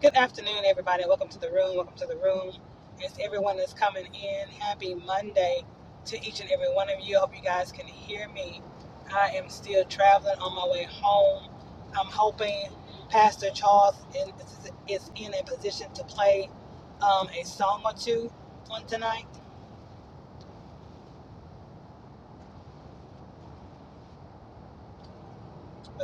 Good afternoon, everybody. Welcome to the room. Welcome to the room. As everyone is coming in, happy Monday to each and every one of you. I hope you guys can hear me. I am still traveling on my way home. I'm hoping Pastor Charles in- is in a position to play um, a song or two on tonight.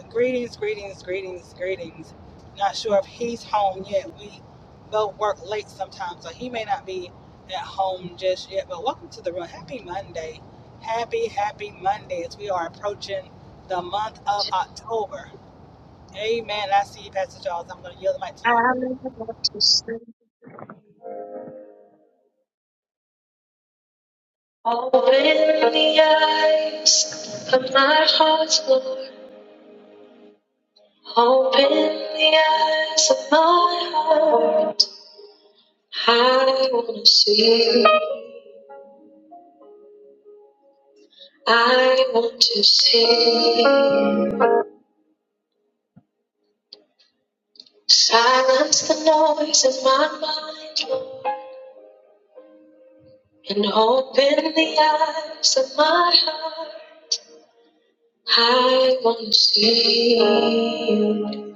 Greetings, greetings, greetings, greetings. Not sure if he's home yet. We both work late sometimes, so he may not be at home just yet. But welcome to the room. Happy Monday. Happy, happy Monday as we are approaching the month of October. Amen. I see you, Pastor Charles. I'm going to yield the mic to you. I'm about to sing. Open the eyes of my heart, Lord. Open the eyes of my heart. I want to see. I want to see. Silence the noise in my mind, Lord, and open the eyes of my heart. I want to see you.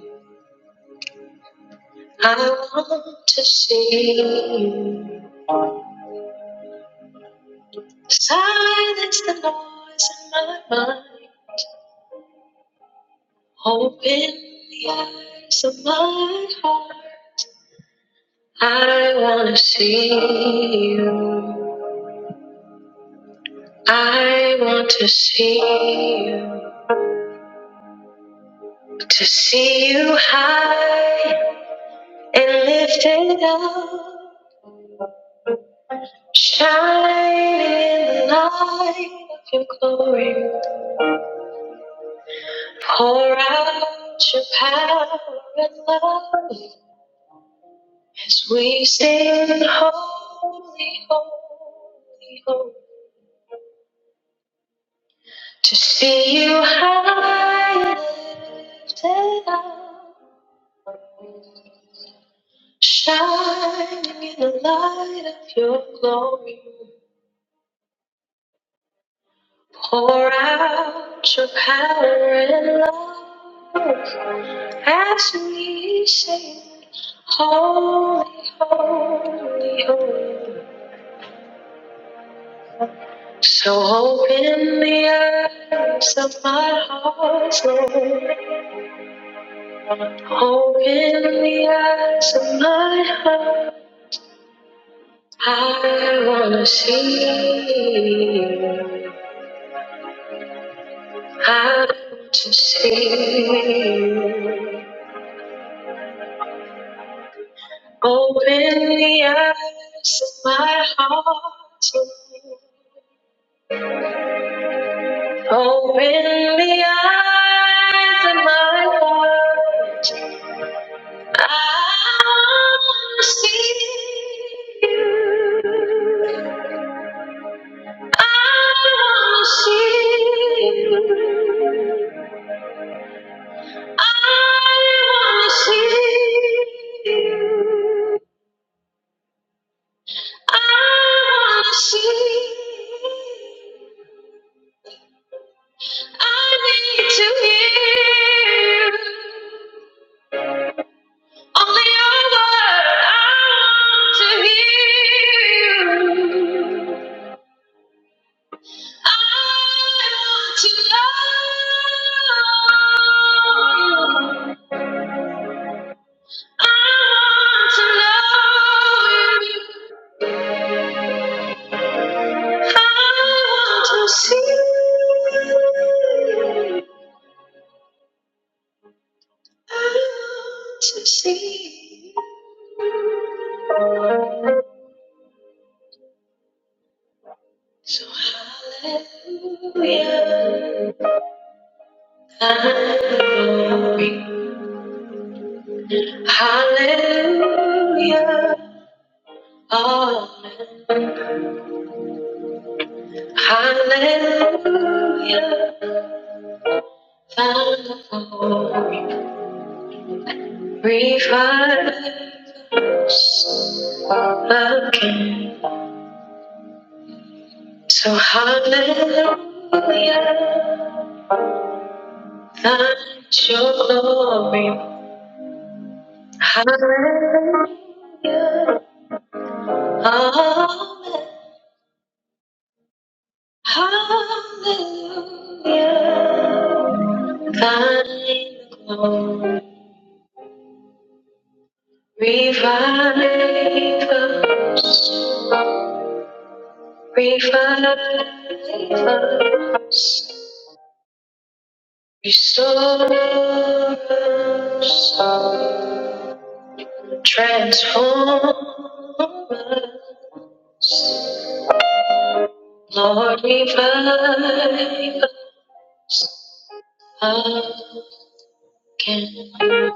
I want to see you. Silence the noise in my mind. Open the eyes of my heart. I want to see you. I want to see you. To see you high and lifted up. Shine in the light of your glory. Pour out your power and love. As we sing holy, holy, holy, to see you high and lifted up, shining in the light of your glory, pour out your power and love as we sing holy, holy, holy. So open the eyes of my heart, Lord. Open the eyes of my heart. I wanna see you. I want to see you. Open the eyes of my heart, Lord. Open the eyes of my heart. I wanna see you. I wanna see you. I I I I wanna wanna want to to see see. you. you. you. need hear hear Only your word. I want to hear you. I I I want want want to to to know know you. you. See, you. you. I want to see you. so hallelujah. I'm glory. Hallelujah. amen. Hallelujah. Found the Revive our King. So hallelujah. Find your glory. Hallelujah. Amen. Hallelujah. Find the glory. Revive us. Revive us, restore us, transform us. Lord, revive us again.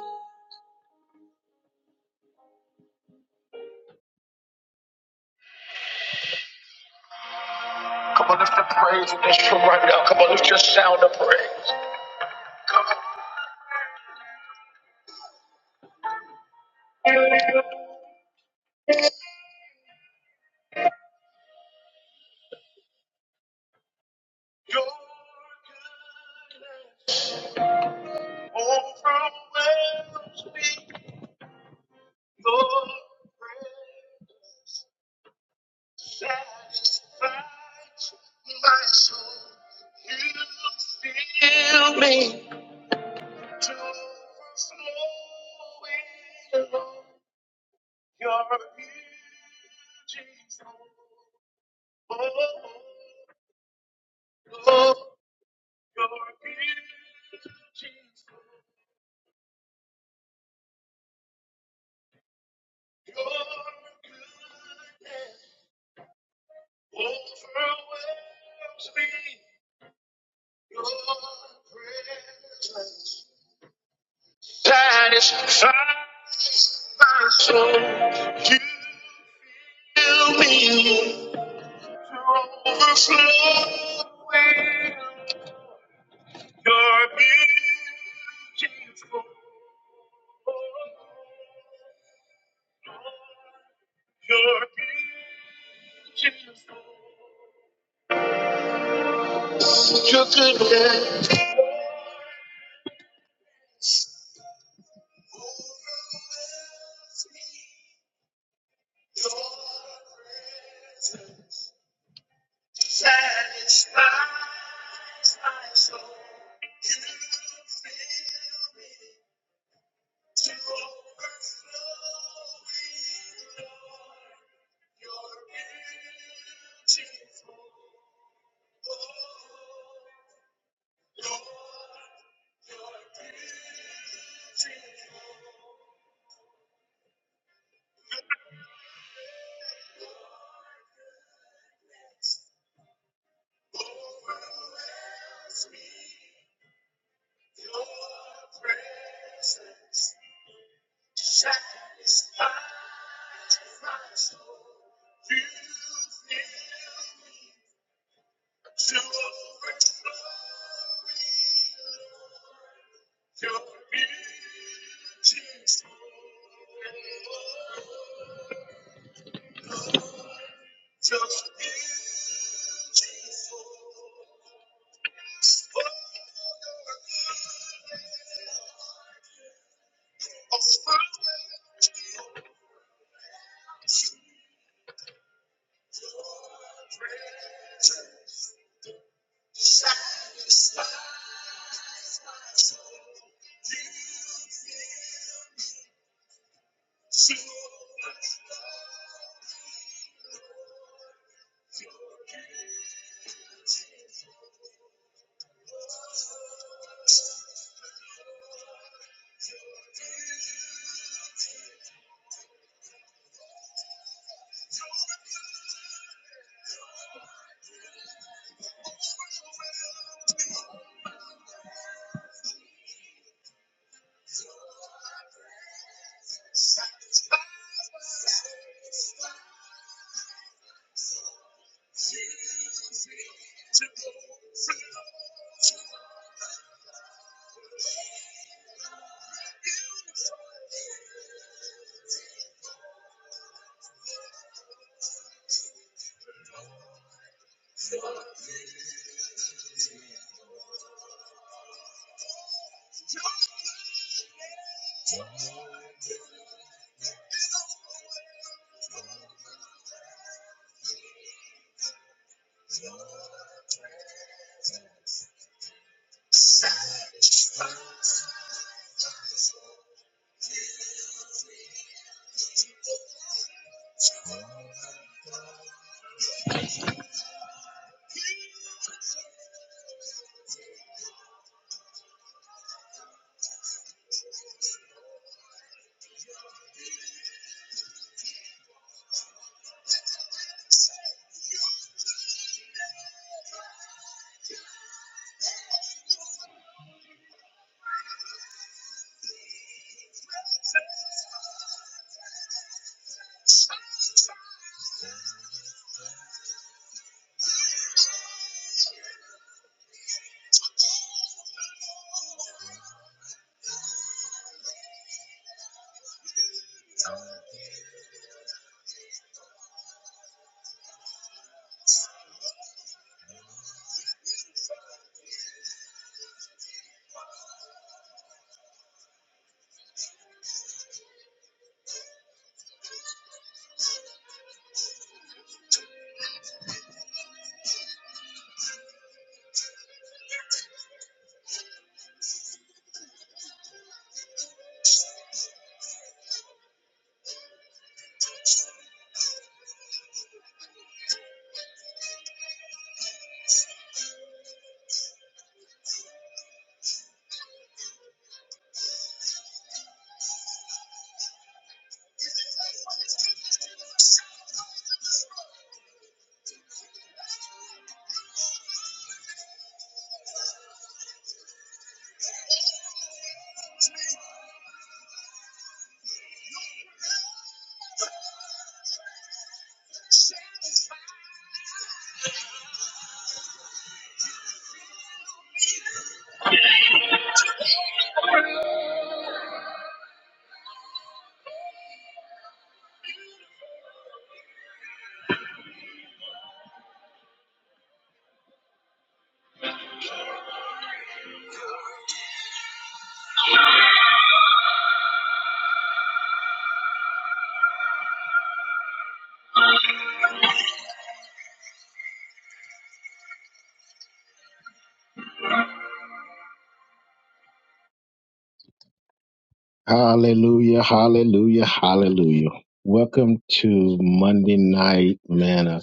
Hallelujah, hallelujah, hallelujah. Welcome to Monday Night Manna.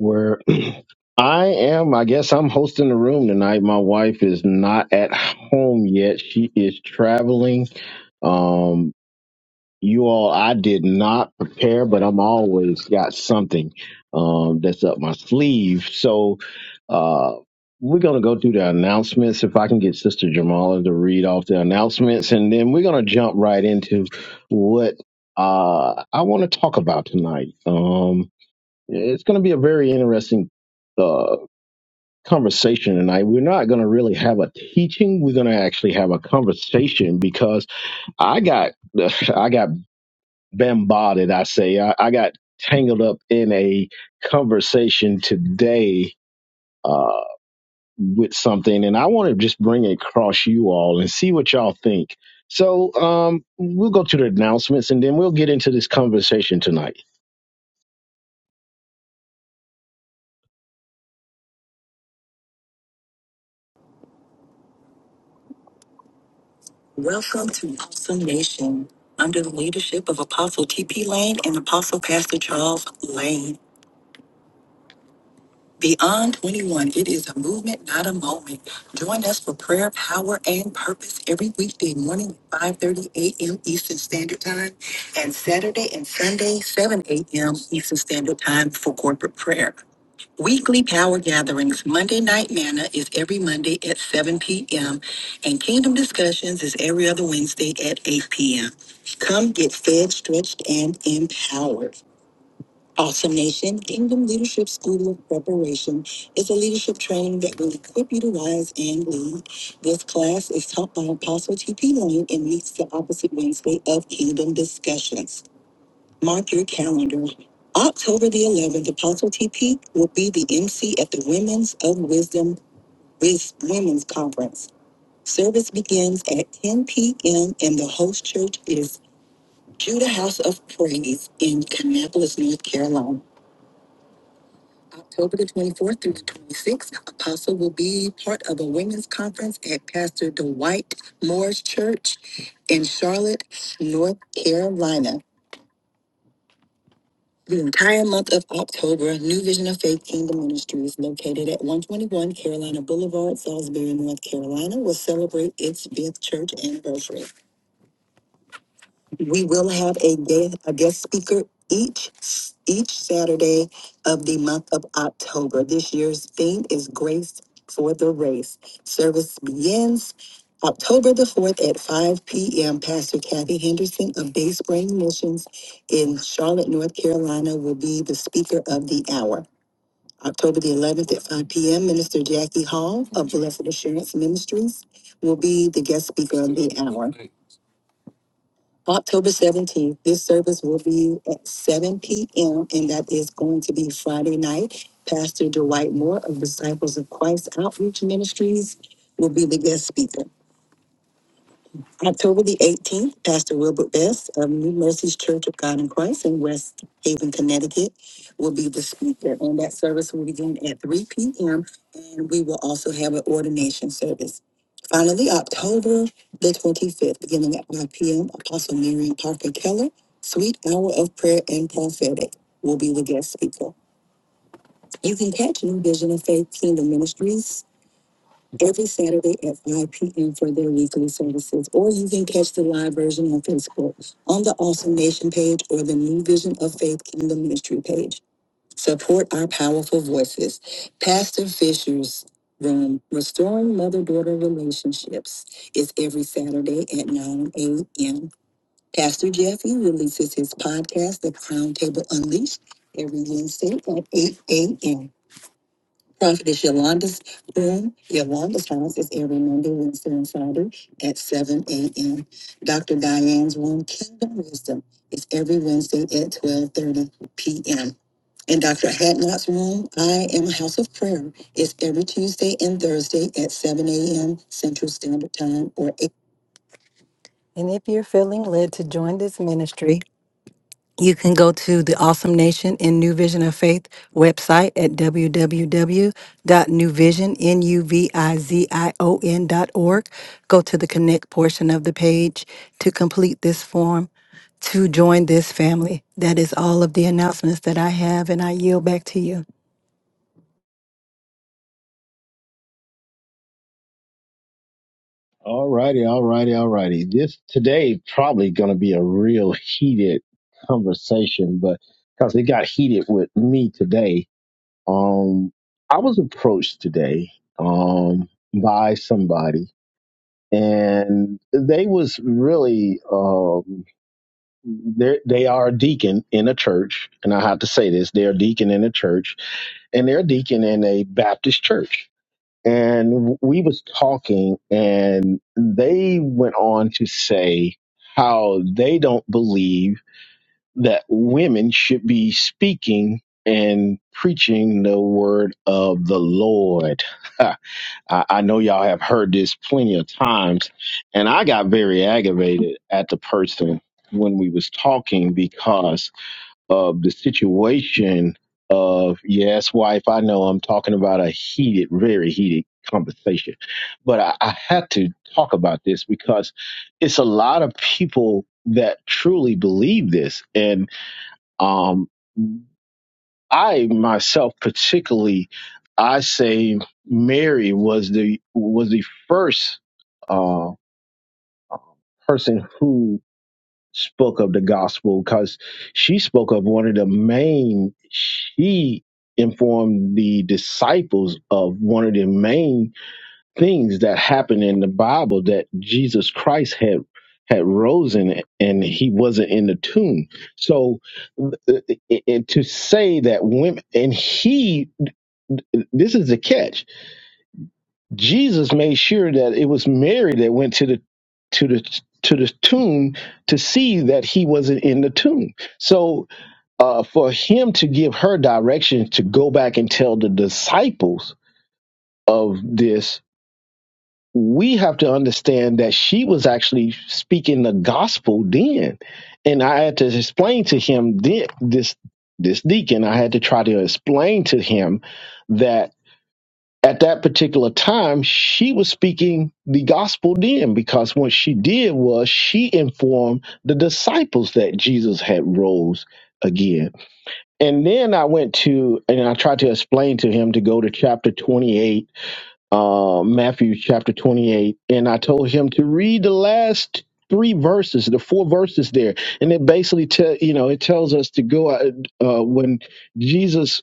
where I am. I guess I'm hosting the room tonight. My wife is not at home yet. She is traveling. Um, you all, I did not prepare, but I'm always got something um, that's up my sleeve. So uh, we're going to go through the announcements. If I can get Sister Jamala to read off the announcements, and then we're going to jump right into what uh, I want to talk about tonight. Um, it's going to be a very interesting. uh, conversation tonight. We're not going to really have a teaching. We're going to actually have a conversation because I got I got bombarded. I say I, I got tangled up in a conversation today. uh, with something, and I want to just bring it across you all and see what y'all think. So um, we'll go to the announcements, and then we'll get into this conversation tonight. Welcome to Awesome Nation. Under the leadership of Apostle T.P. Lane and Apostle Pastor Charles Lane. Beyond 21, it is a movement, not a moment. Join us for prayer, power, and purpose every weekday morning at 5.30 a.m. Eastern Standard Time and Saturday and Sunday, 7 a.m. Eastern Standard Time for corporate prayer. Weekly power gatherings. Monday Night Manna is every Monday at 7 p.m. and Kingdom Discussions is every other Wednesday at 8 p.m. Come get fed, stretched, and empowered. Awesome Nation Kingdom Leadership School of Preparation is a leadership training that will equip you to rise and lead. This class is taught by Apostle T.P. Lane and meets the opposite Wednesday of Kingdom Discussions. Mark your calendar. October the 11th, Apostle TP will be the MC at the Women's of Wisdom Wiz- Women's Conference. Service begins at 10 p.m. and the host church is Judah House of Praise in Kannapolis, North Carolina. October the 24th through the 26th, Apostle will be part of a women's conference at Pastor Dwight Moore's Church in Charlotte, North Carolina. The entire month of October, New Vision of Faith Kingdom Ministries, located at 121 Carolina Boulevard, Salisbury, North Carolina, will celebrate its fifth church anniversary we will have a guest, a guest speaker each each Saturday of the month of October. This year's theme is Grace for the Race. Service begins October the 4th at 5 p.m. Pastor Kathy Henderson of Bay Spring Missions in Charlotte, North Carolina will be the speaker of the hour. October the 11th at 5 p.m., Minister Jackie Hall of Blessed Assurance Ministries will be the guest speaker of the hour. October 17th, this service will be at 7 p.m., and that is going to be Friday night. Pastor Dwight Moore of Disciples of Christ Outreach Ministries will be the guest speaker. October the 18th, Pastor Wilbert Best of New Mercies Church of God in Christ in West Haven, Connecticut, will be the speaker. And that service will begin at 3 p.m. And we will also have an ordination service. Finally, October the 25th, beginning at 5 p.m., Apostle Miriam Parker Keller, Sweet Hour of Prayer and Prophetic, will be the guest speaker. You can catch New Vision of Faith Kingdom Ministries every Saturday at 5 p.m. for their weekly services. Or you can catch the live version on Facebook, on the Awesome Nation page, or the New Vision of Faith Kingdom Ministry page. Support our powerful voices. Pastor Fisher's room, Restoring Mother Daughter Relationships, is every Saturday at 9 a.m. Pastor Jeffy releases his podcast, The Crown Table Unleashed, every Wednesday at 8 a.m. Prophetess Yolanda's room, Yolanda's house is every Monday, Wednesday, and Friday at 7 a.m. Dr. Diane's room, Kingdom Wisdom, is every Wednesday at 12.30 p.m. And Dr. Hadnot's room, I Am a House of Prayer, is every Tuesday and Thursday at 7 a.m. Central Standard Time or 8. And if you're feeling led to join this ministry, you can go to the Awesome Nation in New Vision of Faith website at www.newvision.org. Go to the connect portion of the page to complete this form to join this family. That is all of the announcements that I have, and I yield back to you. All righty, all righty, all righty. This today probably going to be a real heated conversation, but because it got heated with me today. Um, I was approached today um, by somebody, and they was really um, they they are a deacon in a church, and I have to say this: they're a deacon in a church, and they're a deacon in a Baptist church. And we was talking, and they went on to say how they don't believe that women should be speaking and preaching the word of the Lord. I, I know y'all have heard this plenty of times, and I got very aggravated at the person when we was talking because of the situation of yes, wife, I know I'm talking about a heated, very heated conversation, but I, I had to talk about this because it's a lot of people that truly believe this, and um, I myself, particularly, I say Mary was the was the first uh, person who spoke of the gospel because she spoke of one of the main. She informed the disciples of one of the main things that happened in the Bible that Jesus Christ had had risen and he wasn't in the tomb. So uh, uh, uh, to say that women and he this is the catch. Jesus made sure that it was Mary that went to the to the to the tomb to see that he wasn't in the tomb. So uh, for him to give her direction to go back and tell the disciples of this we have to understand that she was actually speaking the gospel then. And I had to explain to him then this this deacon, I had to try to explain to him that at that particular time she was speaking the gospel then because what she did was she informed the disciples that Jesus had rose again. And then I went to and I tried to explain to him to go to chapter 28 uh, Matthew chapter 28, and I told him to read the last three verses, the four verses there, and it basically tell you know it tells us to go out. Uh, when Jesus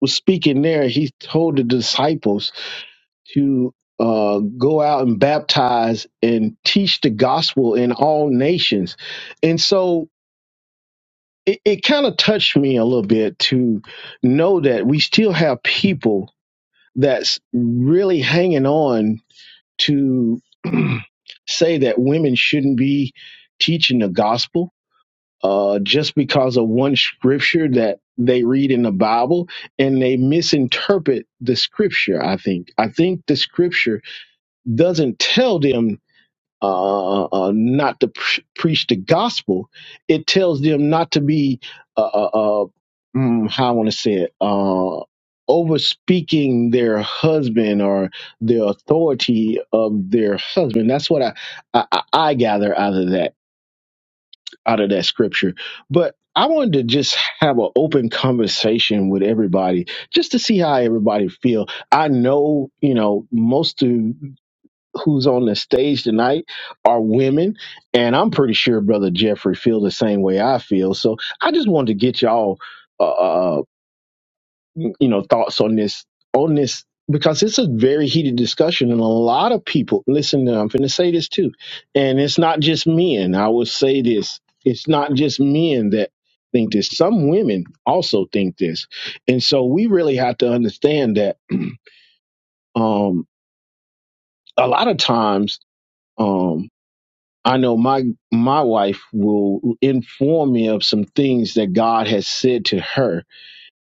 was speaking there, he told the disciples to uh, go out and baptize and teach the gospel in all nations, and so. It, it kind of touched me a little bit to know that we still have people that's really hanging on to say that women shouldn't be teaching the gospel uh, just because of one scripture that they read in the Bible and they misinterpret the scripture. I think. I think the scripture doesn't tell them uh, uh, uh, not to pre- preach the gospel. It tells them not to be, uh, uh, uh, mm, how I want to say it, uh, over speaking their husband or the authority of their husband. That's what I, I, I I gather out of that out of that scripture. But I wanted to just have an open conversation with everybody, just to see how everybody feel. I know, you know, most of who's on the stage tonight are women, and I'm pretty sure Brother Jeffrey feels the same way I feel. So I just wanted to get y'all, uh, uh, mm, you know, thoughts on this on this because it's a very heated discussion, and a lot of people listen. I'm going to say this too, and it's not just men. I will say this: it's not just men that think this. Some women also think this, and so we really have to understand that um, a lot of times. Um, I know my my wife will inform me of some things that God has said to her,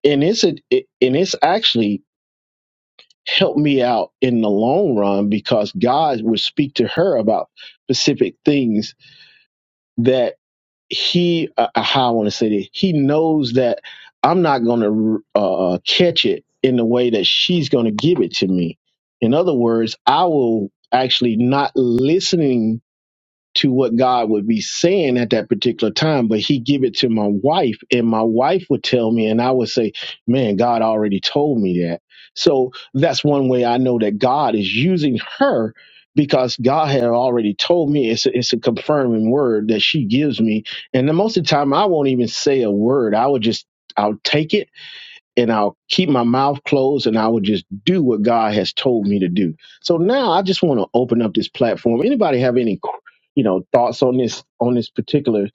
and it's a, it, and it's actually helped me out in the long run because God would speak to her about specific things that He uh, uh, how I want to say this He knows that I'm not going to uh, catch it in the way that she's going to give it to me. In other words, I will actually not listening to what God would be saying at that particular time, but he give it to my wife and my wife would tell me and I would say, "Man, God already told me that." So that's one way I know that God is using her because God had already told me it's a, it's a confirming word that she gives me. And the most of the time I won't even say a word. I would just I'll take it and I'll keep my mouth closed and I will just do what God has told me to do. So now I just want to open up this platform. Anybody have any, you know, thoughts on this on this particular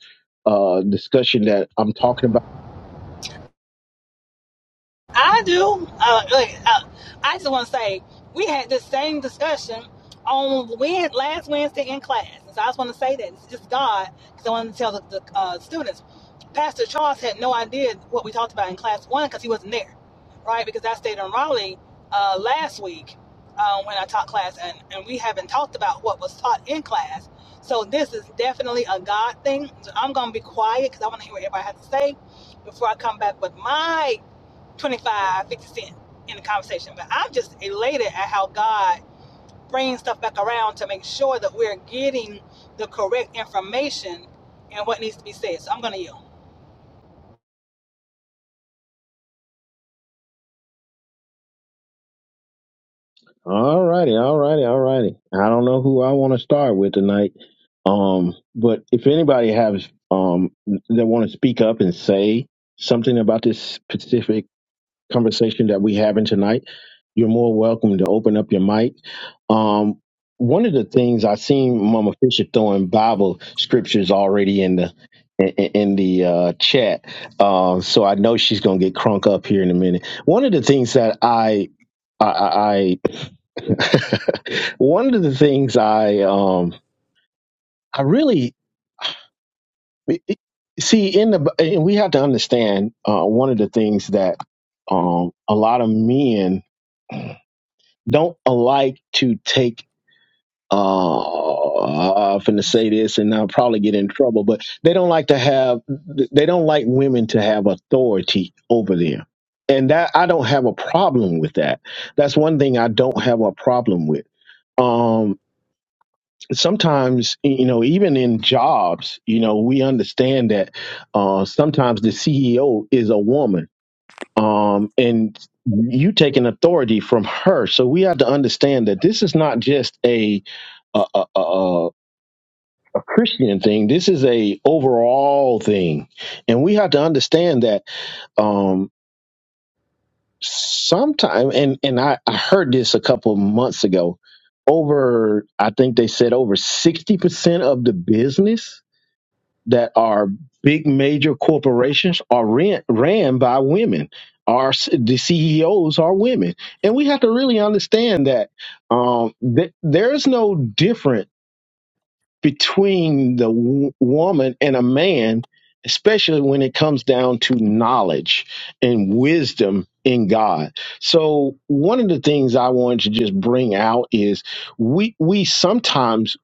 uh, discussion that I'm talking about? I do. Uh, look, uh, I just want to say we had this same discussion on when, last Wednesday in class. And so I just want to say that it's just God because I wanted to tell the, the uh, students. Pastor Charles had no idea what we talked about in class one because he wasn't there, right? Because I stayed in Raleigh uh, last week uh, when I taught class, and, and we haven't talked about what was taught in class. So this is definitely a God thing. So I'm going to be quiet because I want to hear what everybody has to say before I come back with my 25, 50 cent in the conversation. But I'm just elated at how God brings stuff back around to make sure that we're getting the correct information and what needs to be said. So I'm going to yell. All righty, all righty, all righty. I don't know who I want to start with tonight, um, but if anybody has um, that want to speak up and say something about this specific conversation that we're having tonight. You're more welcome to open up your mic. Um, one of the things I seen Mama Fisher throwing Bible scriptures already in the in, in the uh, chat, um, so I know she's gonna get crunk up here in a minute. One of the things that I I, I I- one of the things I um I really see in the and we have to understand uh, one of the things that um a lot of men don't like to take uh I'm finna say this and I'll probably get in trouble, but they don't like to have they don't like women to have authority over them. And that I don't have a problem with that. That's one thing I don't have a problem with. Um sometimes you know even in jobs, you know, we understand that uh sometimes the CEO is a woman um, and you taking authority from her. So we have to understand that this is not just a, a, a, a a Christian thing. This is a overall thing, and we have to understand that um, sometime. And and I, I heard this a couple of months ago. Over, I think they said over sixty percent of the business that are big major corporations are ran, ran by women. Our c- the CEOs are women, and we have to really understand that um, th- there's no different between the w- woman and a man, especially when it comes down to knowledge and wisdom in God. So one of the things I wanted to just bring out is we we sometimes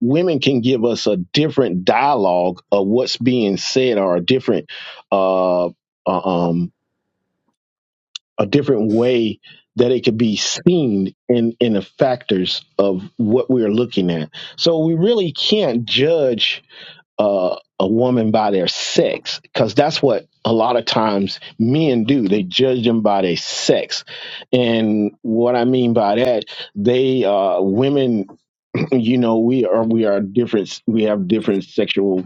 women can give us a different dialogue of what's being said or a different uh uh, um a different way that it could be seen in in the factors of what we're looking at. So we really can't judge uh, a woman by their sex because that's what a lot of times men do they judge them by their sex and what i mean by that they uh women you know we are we are different we have different sexual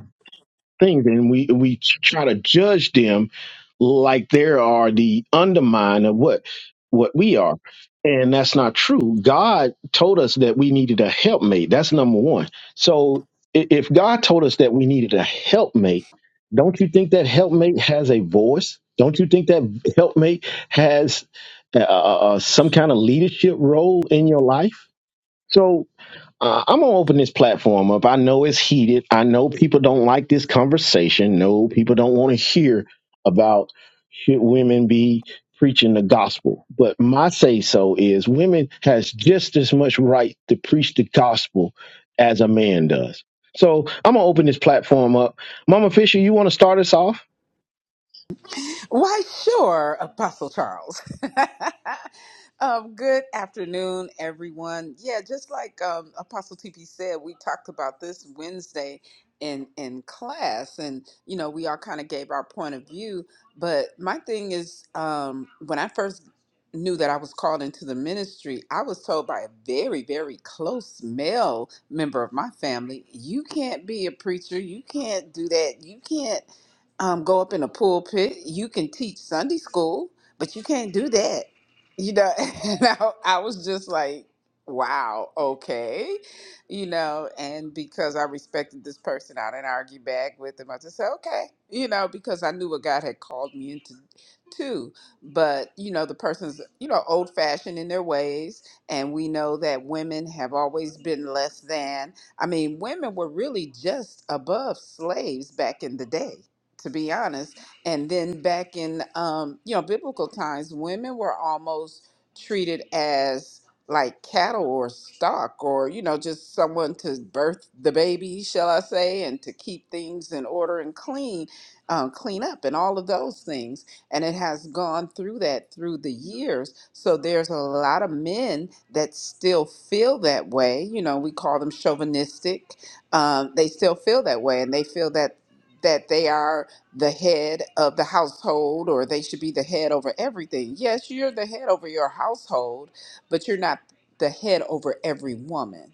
things, and we we try to judge them like they are the undermine of what what we are, and that's not true. God told us that we needed a helpmate. That's number one. So i- if God told us that we needed a helpmate, don't you think that helpmate has a voice? Don't you think that helpmate has uh, uh, uh, some kind of leadership role in your life? So uh, I'm gonna open this platform up. I know it's heated. I know people don't like this conversation. No, people don't want to hear about should women be preaching the gospel. But my say so is women has just as much right to preach the gospel as a man does. So I'm gonna open this platform up. Mama Fisher, you want to start us off? Why, sure, Apostle Charles. Um, good afternoon, everyone. Yeah, just like um, Apostle TP said, we talked about this Wednesday in in class, and you know, we all kind of gave our point of view. But my thing is, um, when I first knew that I was called into the ministry, I was told by a very, very close male member of my family, "You can't be a preacher. You can't do that. You can't um, go up in a pulpit. You can teach Sunday school, but you can't do that." you know, and I, I was just like, wow, okay, you know, and because I respected this person, I didn't argue back with him. I just said, okay, you know, because I knew what God had called me into too. But, you know, the person's, you know, old fashioned in their ways. And we know that women have always been less than. I mean, women were really just above slaves back in the day. To be honest, and then back in um, you know biblical times, women were almost treated as like cattle or stock, or you know just someone to birth the baby, shall I say, and to keep things in order and clean, um, clean up, and all of those things. And it has gone through that through the years. So there's a lot of men that still feel that way. You know, we call them chauvinistic. Um, they still feel that way, and they feel that that they are the head of the household or they should be the head over everything. Yes, you're the head over your household, but you're not the head over every woman.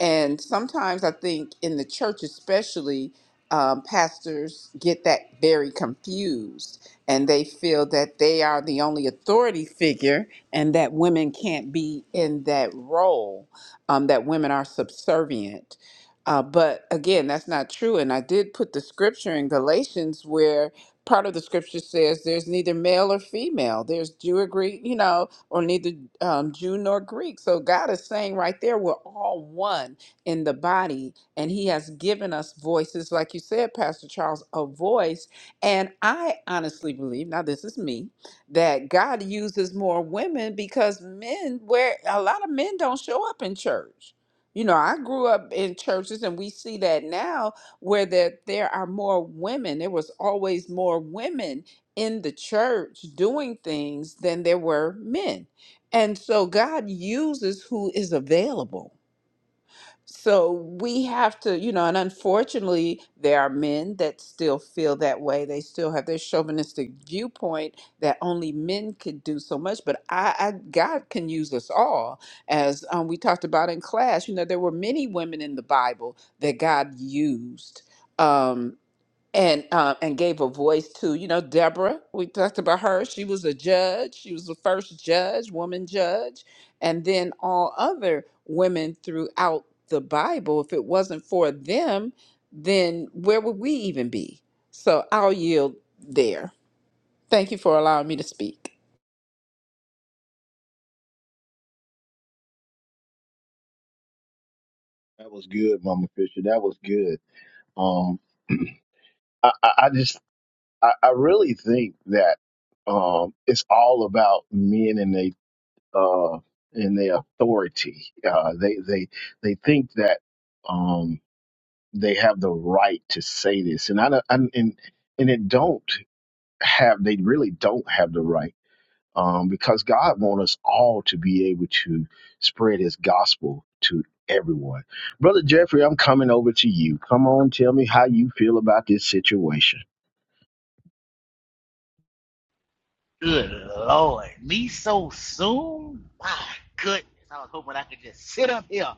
And sometimes I think in the church, especially, um, pastors get that very confused and they feel that they are the only authority figure and that women can't be in that role, um, that women are subservient. Uh, but again, that's not true. And I did put the scripture in Galatians where part of the scripture says there's neither male or female, there's Jew or Greek, you know, or neither um, Jew nor Greek. So God is saying right there, we're all one in the body, and He has given us voices, like you said, Pastor Charles, a voice. And I honestly believe, now this is me, that God uses more women because men, where a lot of men don't show up in church. You know, I grew up in churches and we see that now where that there are more women. There was always more women in the church doing things than there were men. And so God uses who is available. So we have to, you know, and unfortunately, there are men that still feel that way. They still have their chauvinistic viewpoint that only men could do so much. But I, I God can use us all. As um, we talked about in class, you know, there were many women in the Bible that God used. Um, and uh, and gave a voice to you know Deborah. We talked about her. She was a judge. She was the first judge, woman judge, and then all other women throughout the Bible. If it wasn't for them, then where would we even be? So I'll yield there. Thank you for allowing me to speak. That was good, Mama Fisher. That was good. Um, I, I I just I, I really think that um, it's all about men and they uh, and their authority. Uh, they they they think that um, they have the right to say this, and I don't, and and and it don't have. They really don't have the right um, because God wants us all to be able to spread His gospel to everyone. Brother Jeffrey, I'm coming over to you. Come on, tell me how you feel about this situation. Good Lord, me so soon? My goodness, I was hoping I could just sit up here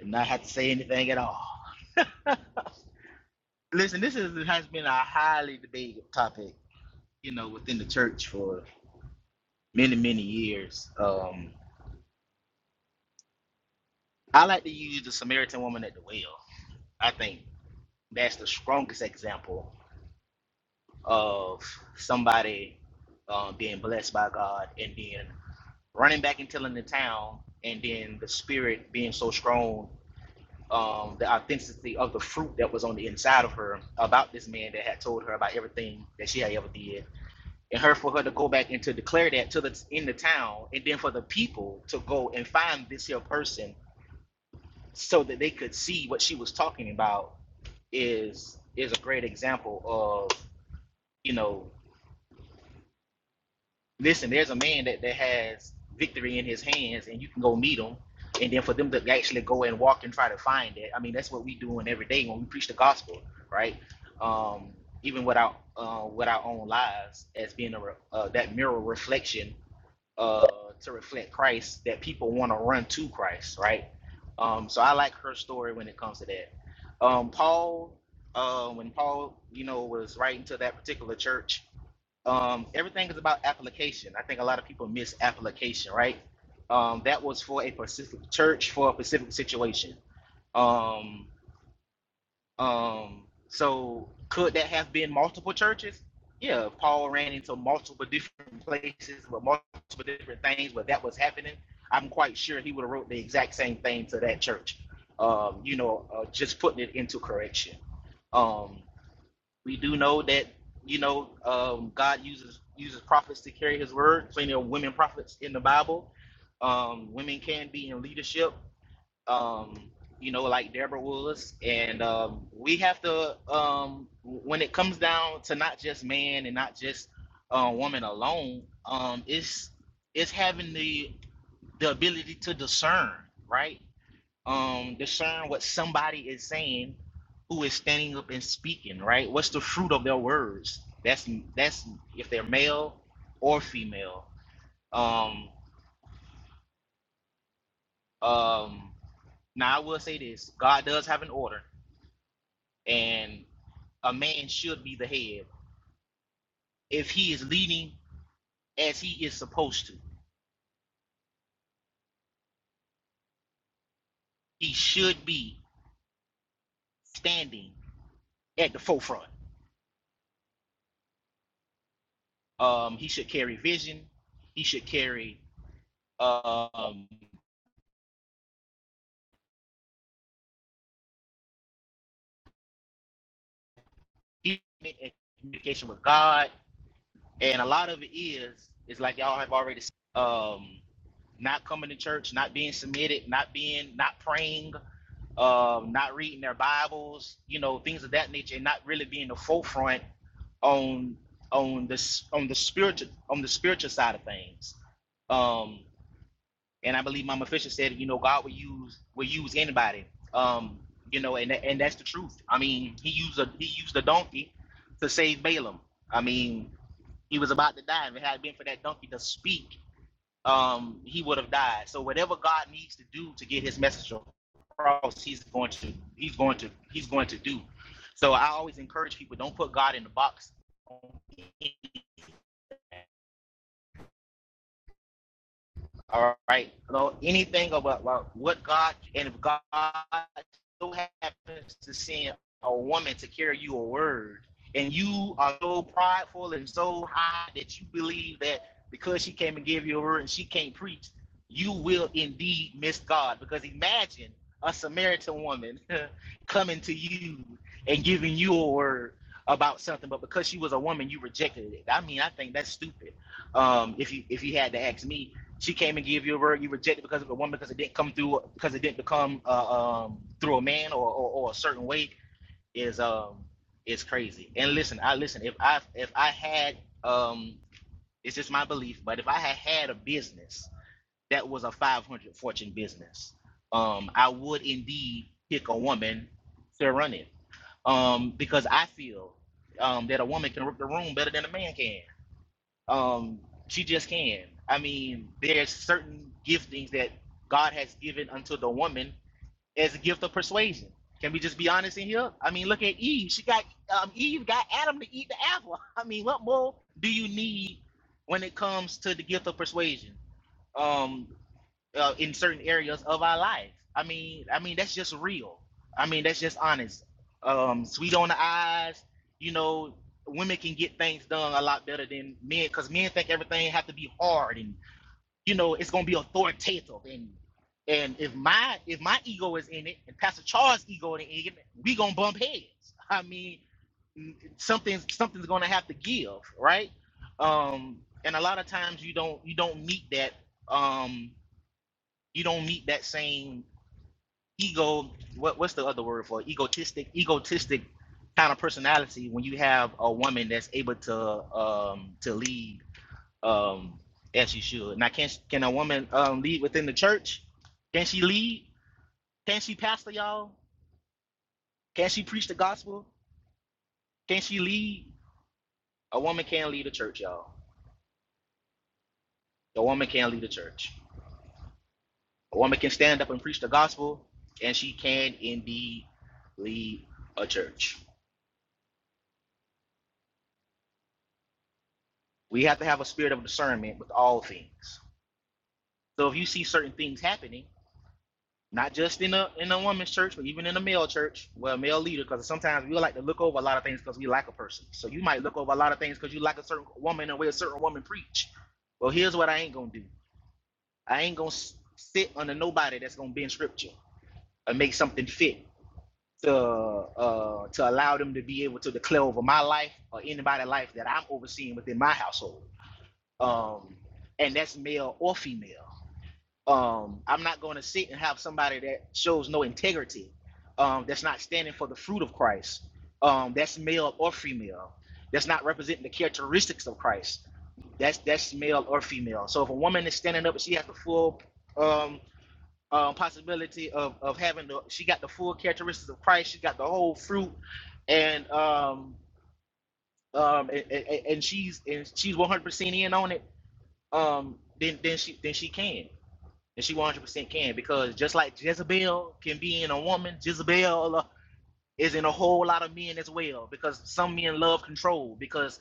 and not have to say anything at all. Listen, this is, has been a highly debated topic, you know, within the church for many, many years. Um, I like to use the Samaritan woman at the well. I think that's the strongest example of somebody uh, being blessed by God and then running back and telling the town, and then the spirit being so strong um, the authenticity of the fruit that was on the inside of her about this man that had told her about everything that she had ever did. And her for her to go back and to declare that to the in the town, and then for the people to go and find this here person so that they could see what she was talking about is is a great example of you know listen, there's a man that, that has victory in his hands, and you can go meet him. And then for them to actually go and walk and try to find it, I mean, that's what we doing every day when we preach the gospel, right? Um, even with our uh, with our own lives as being a re- uh, that mirror reflection uh, to reflect Christ, that people want to run to Christ, right? Um, so I like her story when it comes to that. Um, Paul, uh, when Paul, you know, was writing to that particular church, um, everything is about application. I think a lot of people miss application, right? Um, that was for a specific church for a specific situation. Um, um, so could that have been multiple churches? Yeah, Paul ran into multiple different places with multiple different things where that was happening. I'm quite sure he would have wrote the exact same thing to that church. Um, you know, uh, just putting it into correction. Um, we do know that you know um, God uses uses prophets to carry His word. Plenty of women prophets in the Bible. Um, women can be in leadership. Um, you know, like Deborah was, and um, we have to um, when it comes down to not just man and not just uh, woman alone. Um, it's it's having the the ability to discern, right? um discern what somebody is saying who is standing up and speaking right what's the fruit of their words that's that's if they're male or female um um now i will say this god does have an order and a man should be the head if he is leading as he is supposed to he should be standing at the forefront um he should carry vision he should carry um commitment and communication with God, and a lot of it is is like y'all have already seen um not coming to church, not being submitted, not being not praying, um, not reading their Bibles, you know, things of that nature, and not really being the forefront on on this on the spiritual on the spiritual side of things. Um and I believe Mama Fisher said, you know, God will use will use anybody. Um, you know, and and that's the truth. I mean, he used a he used a donkey to save Balaam. I mean, he was about to die, and if it had been for that donkey to speak, um, he would have died. So whatever God needs to do to get his message across, he's going to he's going to he's going to do. So I always encourage people: don't put God in the box on All right. So anything about, about what God and if God so happens to send a woman to carry you a word, and you are so prideful and so high that you believe that because she came and gave you a word and she can't preach, you will indeed miss God. Because imagine a Samaritan woman coming to you and giving you a word about something, but because she was a woman, you rejected it. I mean, I think that's stupid. Um, if you if you had to ask me, she came and gave you a word. You rejected because of a woman because it didn't come through because it didn't become uh, um, through a man or, or, or a certain way is um is crazy. And listen, I listen. If I if I had um, it's just my belief, but if I had had a business that was a 500 fortune business, um, I would indeed pick a woman to run it um, because I feel um, that a woman can rip the room better than a man can. Um, she just can. I mean, there's certain giftings that God has given unto the woman as a gift of persuasion. Can we just be honest in here? I mean, look at Eve. She got um, Eve got Adam to eat the apple. I mean, what more do you need when it comes to the gift of persuasion? Um, uh, in certain areas of our life. I mean, I mean that's just real. I mean that's just honest. Um, sweet on the eyes. You know, women can get things done a lot better than men because men think everything have to be hard and you know it's gonna be authoritative and and if my if my ego is in it and Pastor Charles' ego is in it, we gonna bump heads. I mean, something's something's gonna have to give, right? Um, and a lot of times you don't you don't meet that. Um, you don't meet that same ego what what's the other word for it? egotistic egotistic kind of personality when you have a woman that's able to um to lead um as she should now can can a woman um lead within the church can she lead can she pastor y'all can she preach the gospel can she lead a woman can lead a church y'all a woman can lead a church a woman can stand up and preach the gospel and she can indeed lead a church We have to have a spirit of discernment with all things. So if you see certain things happening, not just in a in a woman's church, but even in a male church, well, male leader, because sometimes we like to look over a lot of things because we like a person. So you might look over a lot of things because you like a certain woman and the way a certain woman preach. Well, here's what I ain't gonna do. I ain't gonna sit under nobody that's gonna bend scripture and make something fit to uh, to allow them to be able to declare over my life or anybody's life that I'm overseeing within my household. Um, and that's male or female. Um, I'm not going to sit and have somebody that shows no integrity, um, that's not standing for the fruit of Christ, um, that's male or female, that's not representing the characteristics of Christ. That's that's male or female. So if a woman is standing up and she has the full um, um, possibility of, of having the she got the full characteristics of Christ, she got the whole fruit, and um um and, and, and she's and she's one hundred percent in on it. Um, then then she then she can and she 100% can because just like Jezebel can be in a woman, Jezebel uh, is in a whole lot of men as well because some men love control because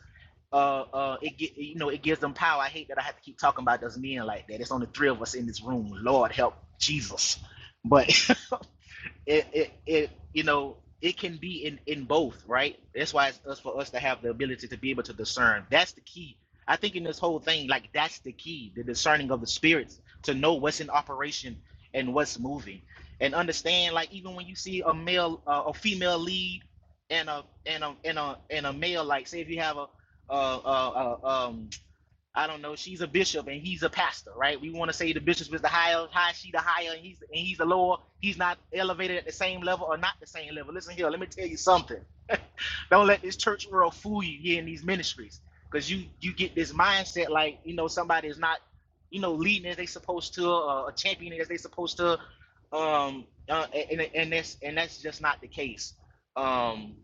uh, uh, it get you know it gives them power. I hate that I have to keep talking about those men like that. It's only three of us in this room. Lord help Jesus, but it it, it you know it can be in in both right that's why it's us for us to have the ability to be able to discern that's the key i think in this whole thing like that's the key the discerning of the spirits to know what's in operation and what's moving and understand like even when you see a male uh, a female lead and a and a and a and a male like say if you have a uh, uh, uh, um I don't know, she's a bishop and he's a pastor, right? We want to say the bishop is the higher, high, she the higher, and he's and he's the lower. He's not elevated at the same level or not the same level. Listen here, let me tell you something. Don't let this church world fool you here in these ministries, because you you get this mindset like you know somebody is not you know leading as they supposed to, uh, a champion as they supposed to, um, uh, and and that's and that's just not the case. Um,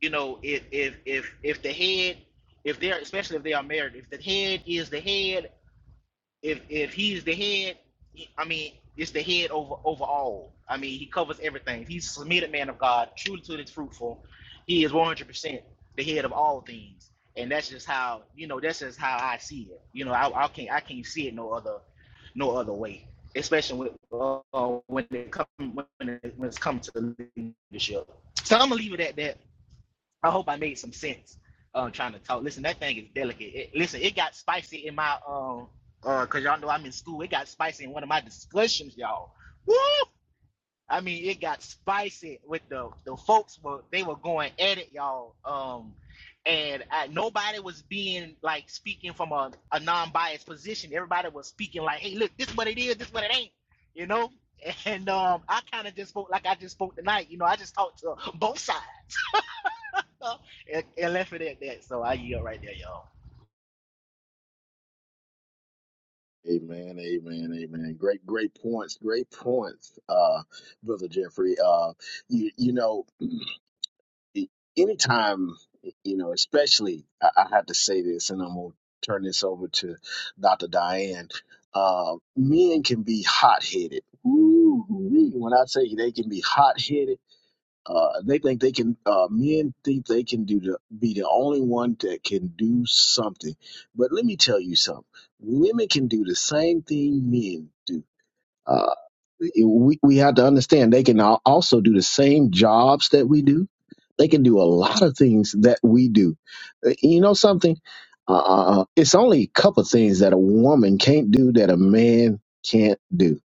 you know if if if if the head if they're especially if they are married if the head is the head if if he's the head, I mean, it's the head over over all. I mean, he covers everything. He's a submitted man of God, truly to his fruitful. He is one hundred percent the head of all things, and that's just how you know. That's just how I see it. You know, I, I can't I can't see it no other no other way. Especially with, uh, when it come when it, when it's come to leadership. So I'm gonna leave it at that. I hope I made some sense. Um, trying to talk. Listen, that thing is delicate. It, listen, it got spicy in my um, uh, cause y'all know I'm in school. It got spicy in one of my discussions, y'all. Woo! I mean, it got spicy with the the folks were they were going at it, y'all. Um, and I, nobody was being like speaking from a, a non-biased position. Everybody was speaking like, hey, look, this what it is, this what it ain't, you know. And um, I kind of just spoke like I just spoke tonight. You know, I just talked to both sides. Uh, It, it left it at that, so I yield right there, y'all. Amen, amen, amen. Great, great points, great points, uh, brother Jeffrey. Uh, you, you know. e, anytime, you know, especially, I, I have to say this, and I'm going to turn this over to Dr. Diane. Uh, men can be hot headed. When I say they can be hot headed, uh, they think they can. Uh, men think they can do the be the only one that can do something. But let me tell you something: women can do the same thing men do. Uh, we, we have to understand they can al- also do the same jobs that we do. They can do a lot of things that we do. Uh, You know something? Uh, uh, uh, it's only a couple of things that a woman can't do that a man can't do.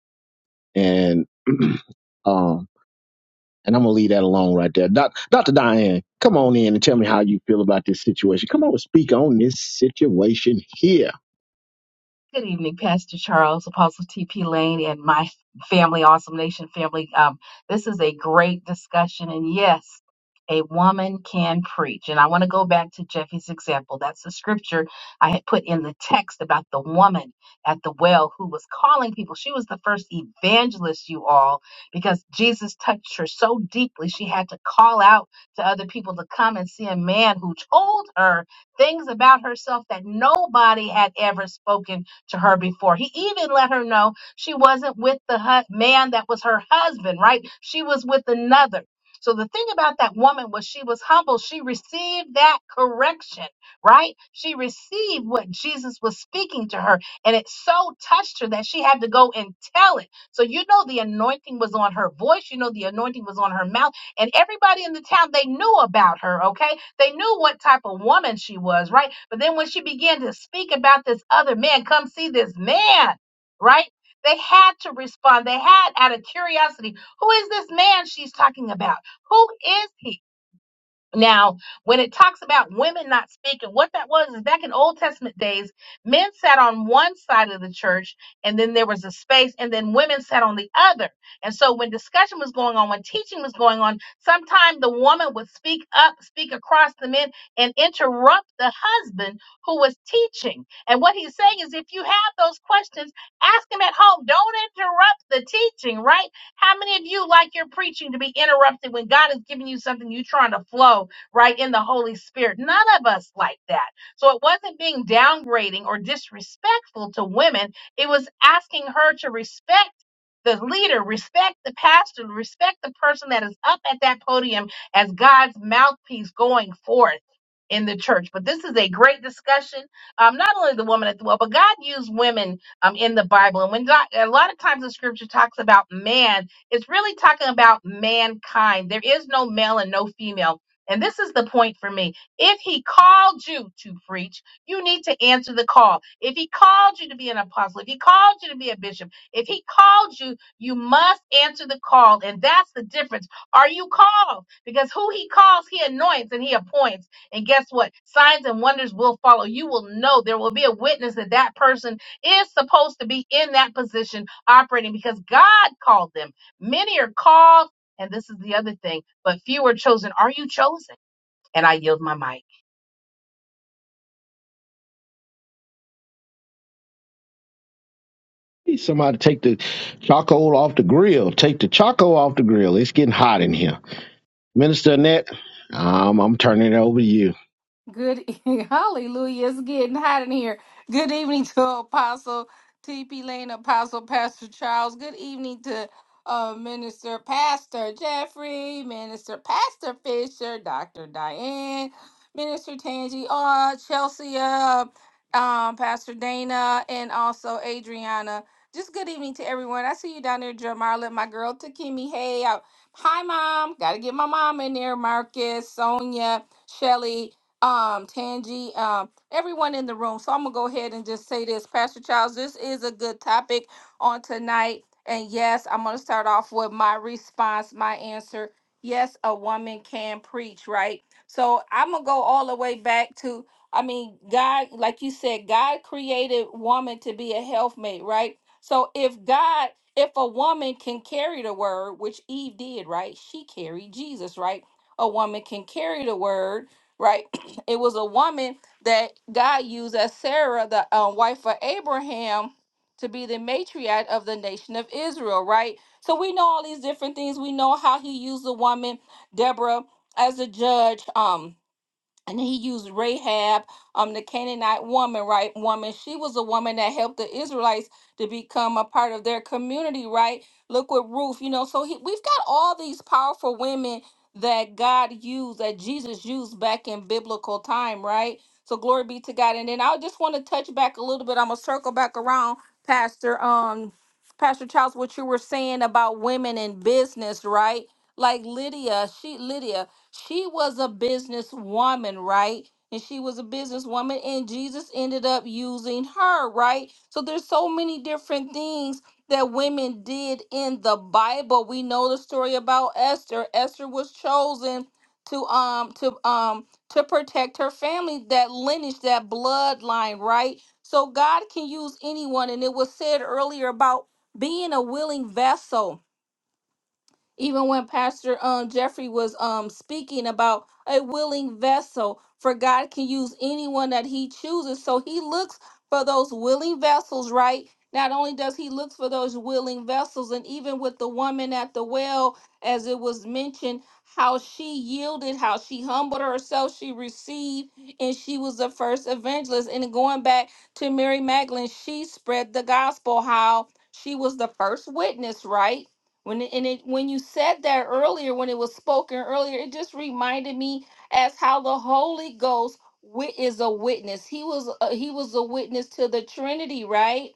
And um, and I'm gonna leave that alone right there. Doc, Dr. Diane, come on in and tell me how you feel about this situation. Come on and speak on this situation here. Good evening, Pastor Charles, Apostle T.P. Lane, and my family, Awesome Nation family. Um, this is a great discussion, and yes, a woman can preach. And I want to go back to Jeffy's example. That's the scripture I had put in the text about the woman at the well who was calling people. She was the first evangelist, you all, because Jesus touched her so deeply, she had to call out to other people to come and see a man who told her things about herself that nobody had ever spoken to her before. He even let her know she wasn't with the hu- man that was her husband, right? She was with another. So the thing about that woman was she was humble. She received that correction, right? She received what Jesus was speaking to her, and it so touched her that she had to go and tell it. So you know the anointing was on her voice, you know the anointing was on her mouth, and everybody in the town they knew about her, okay? They knew what type of woman she was, right? But then when she began to speak about this other man, come see this man, right? They had to respond. They had out of curiosity, who is this man she's talking about? Who is he? Now, when it talks about women not speaking, what that was is back in Old Testament days, men sat on one side of the church, and then there was a space, and then women sat on the other. And so, when discussion was going on, when teaching was going on, sometimes the woman would speak up, speak across the men, and interrupt the husband who was teaching. And what he's saying is, if you have those questions, ask him at home. Don't interrupt the teaching, right? How many of you like your preaching to be interrupted when God is giving you something you're trying to flow right in the Holy Spirit? None of us like that. So it wasn't being downgrading or disrespectful to women, it was asking her to respect. The leader, respect the pastor, respect the person that is up at that podium as God's mouthpiece going forth in the church. But this is a great discussion. Um, not only the woman at the well, but God used women um, in the Bible. And when God, a lot of times the scripture talks about man it's really talking about mankind. There is no male and no female. And this is the point for me. If he called you to preach, you need to answer the call. If he called you to be an apostle, if he called you to be a bishop, if he called you, you must answer the call. And that's the difference. Are you called? Because who he calls, he anoints and he appoints. And guess what? Signs and wonders will follow. You will know there will be a witness that that person is supposed to be in that position operating because God called them. Many are called, and this is the other thing, but few are chosen. Are you chosen? And I yield my mic. Need Somebody to take the charcoal off the grill. Take the charcoal off the grill. It's getting hot in here. Minister Annette, um, I'm turning it over to you. Good Hallelujah. It's getting hot in here. Good evening to Apostle TP Lane, Apostle Pastor Charles. Good evening to uh, Minister Pastor Jeffrey, Minister Pastor Fisher, Dr. Diane, Minister Tangi, uh, Chelsea, uh, um, Pastor Dana, and also Adriana. Just good evening to everyone. I see you down there, Jamarla, my girl Takimi. Hey, uh, hi, Mom. Got to get my mom in there, Marcus, Sonia, Shelly um, Tangi, um, everyone in the room. So I'm gonna go ahead and just say this, Pastor Charles. This is a good topic on tonight, and yes, I'm gonna start off with my response, my answer. Yes, a woman can preach, right? So I'm gonna go all the way back to. I mean, God, like you said, God created woman to be a helpmate, right? So if God, if a woman can carry the word, which Eve did, right? She carried Jesus, right? A woman can carry the word right? It was a woman that God used as Sarah, the um, wife of Abraham, to be the matriarch of the nation of Israel, right? So we know all these different things. We know how he used the woman, Deborah, as a judge. Um, and he used Rahab, um, the Canaanite woman, right? Woman, she was a woman that helped the Israelites to become a part of their community, right? Look with Ruth, you know. So he, we've got all these powerful women that God used, that Jesus used back in biblical time, right? So glory be to God. And then I just want to touch back a little bit. I'm gonna circle back around, Pastor, um, Pastor Charles, what you were saying about women in business, right? Like Lydia, she Lydia. She was a businesswoman, right? And she was a businesswoman, and Jesus ended up using her, right? So there's so many different things that women did in the Bible. We know the story about Esther. Esther was chosen to um to um to protect her family, that lineage, that bloodline, right? So God can use anyone, and it was said earlier about being a willing vessel even when Pastor um, Jeffrey was um, speaking about a willing vessel, for God can use anyone that He chooses. So He looks for those willing vessels, right? Not only does He look for those willing vessels, and even with the woman at the well, as it was mentioned, how she yielded, how she humbled herself, she received, and she was the first evangelist. And going back to Mary Magdalene, she spread the gospel, how she was the first witness, right? When it, and it when you said that earlier, when it was spoken earlier, it just reminded me as how the Holy Ghost wi- is a witness. He was a, he was a witness to the Trinity, right?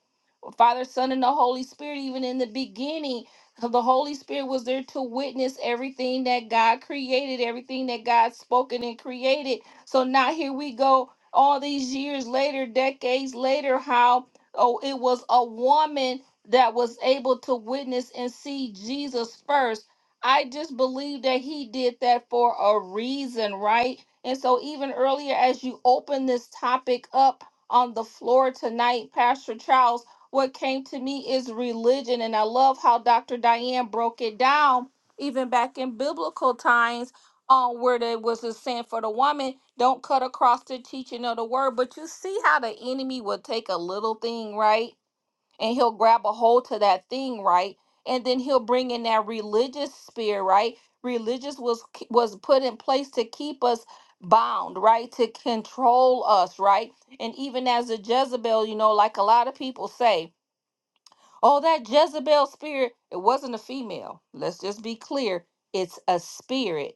Father, Son, and the Holy Spirit, even in the beginning, uh, the Holy Spirit was there to witness everything that God created, everything that God spoken and created. So now here we go, all these years later, decades later, how oh, it was a woman that was able to witness and see Jesus first. I just believe that he did that for a reason, right? And so, even earlier, as you open this topic up on the floor tonight, Pastor Charles what came to me is religion. And I love how Dr. Diane broke it down, even back in biblical times, on where there was a sin for the woman. Don't cut across the teaching of the word. But you see how the enemy will take a little thing, right? And he'll grab a hold to that thing, right? And then he'll bring in that religious spirit, right? Religious was was put in place to keep us bound, right? To control us, right? And even as a Jezebel, you know, like a lot of people say, Oh, that Jezebel spirit, it wasn't a female. Let's just be clear. It's a spirit